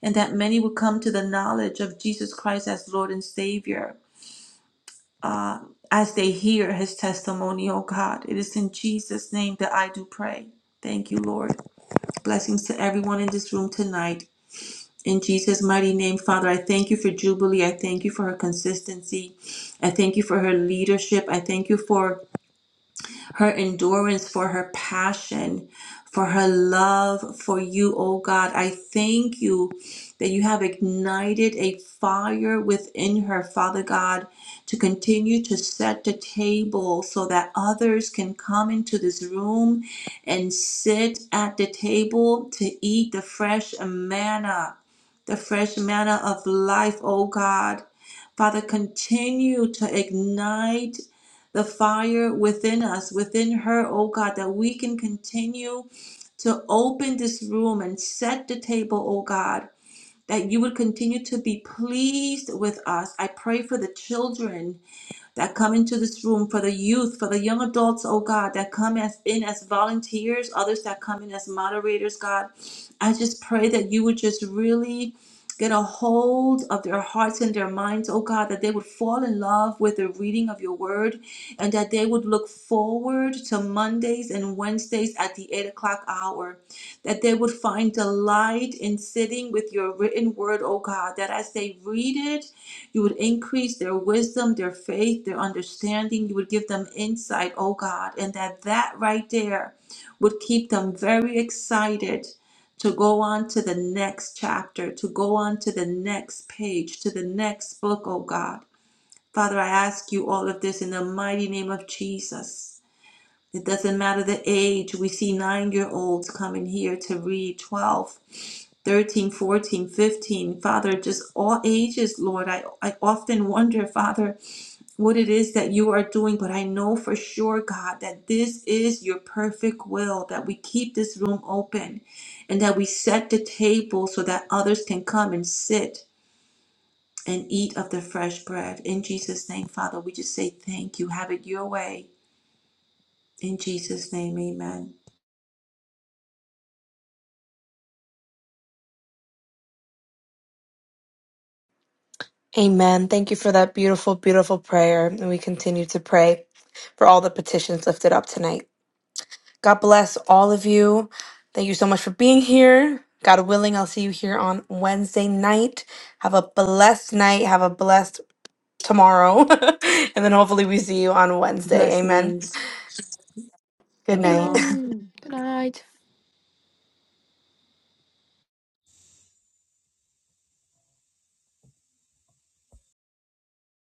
[SPEAKER 2] and that many would come to the knowledge of Jesus Christ as Lord and Savior uh, as they hear his testimony, oh God. It is in Jesus' name that I do pray. Thank you, Lord. Blessings to everyone in this room tonight. In Jesus' mighty name, Father, I thank you for Jubilee. I thank you for her consistency. I thank you for her leadership. I thank you for her endurance, for her passion, for her love for you, oh God. I thank you that you have ignited a fire within her, Father God, to continue to set the table so that others can come into this room and sit at the table to eat the fresh manna, the fresh manna of life, oh God. Father, continue to ignite the fire within us, within her, oh God, that we can continue to open this room and set the table, oh God, that you would continue to be pleased with us. I pray for the children that come into this room for the youth, for the young adults, oh God, that come as in as volunteers, others that come in as moderators, God. I just pray that you would just really get a hold of their hearts and their minds, oh God, that they would fall in love with the reading of your word and that they would look forward to Mondays and Wednesdays at the eight o'clock hour, that they would find delight in sitting with your written word, oh God, that as they read it, you would increase their wisdom, their faith, their understanding. You would give them insight, oh God, and that that right there would keep them very excited to go on to the next chapter, to go on to the next page, to the next book, oh God. Father, I ask you all of this in the mighty name of Jesus. It doesn't matter the age. We see nine year olds coming here to read 12, 13, 14, 15. Father, just all ages, Lord. I, I often wonder, Father, what it is that you are doing, but I know for sure, God, that this is your perfect will, that we keep this room open and that we set the table so that others can come and sit and eat of the fresh bread. In Jesus' name, Father, we just say thank you. Have it your way. In Jesus' name, amen.
[SPEAKER 1] Amen. Thank you for that beautiful, beautiful prayer. And we continue to pray for all the petitions lifted up tonight. God bless all of you. Thank you so much for being here. God willing, I'll see you here on Wednesday night. Have a blessed night. Have a blessed tomorrow. and then hopefully we see you on Wednesday. Amen.
[SPEAKER 2] Blessings.
[SPEAKER 1] Good
[SPEAKER 2] Love you
[SPEAKER 1] night.
[SPEAKER 2] all.
[SPEAKER 3] Amen. Good night.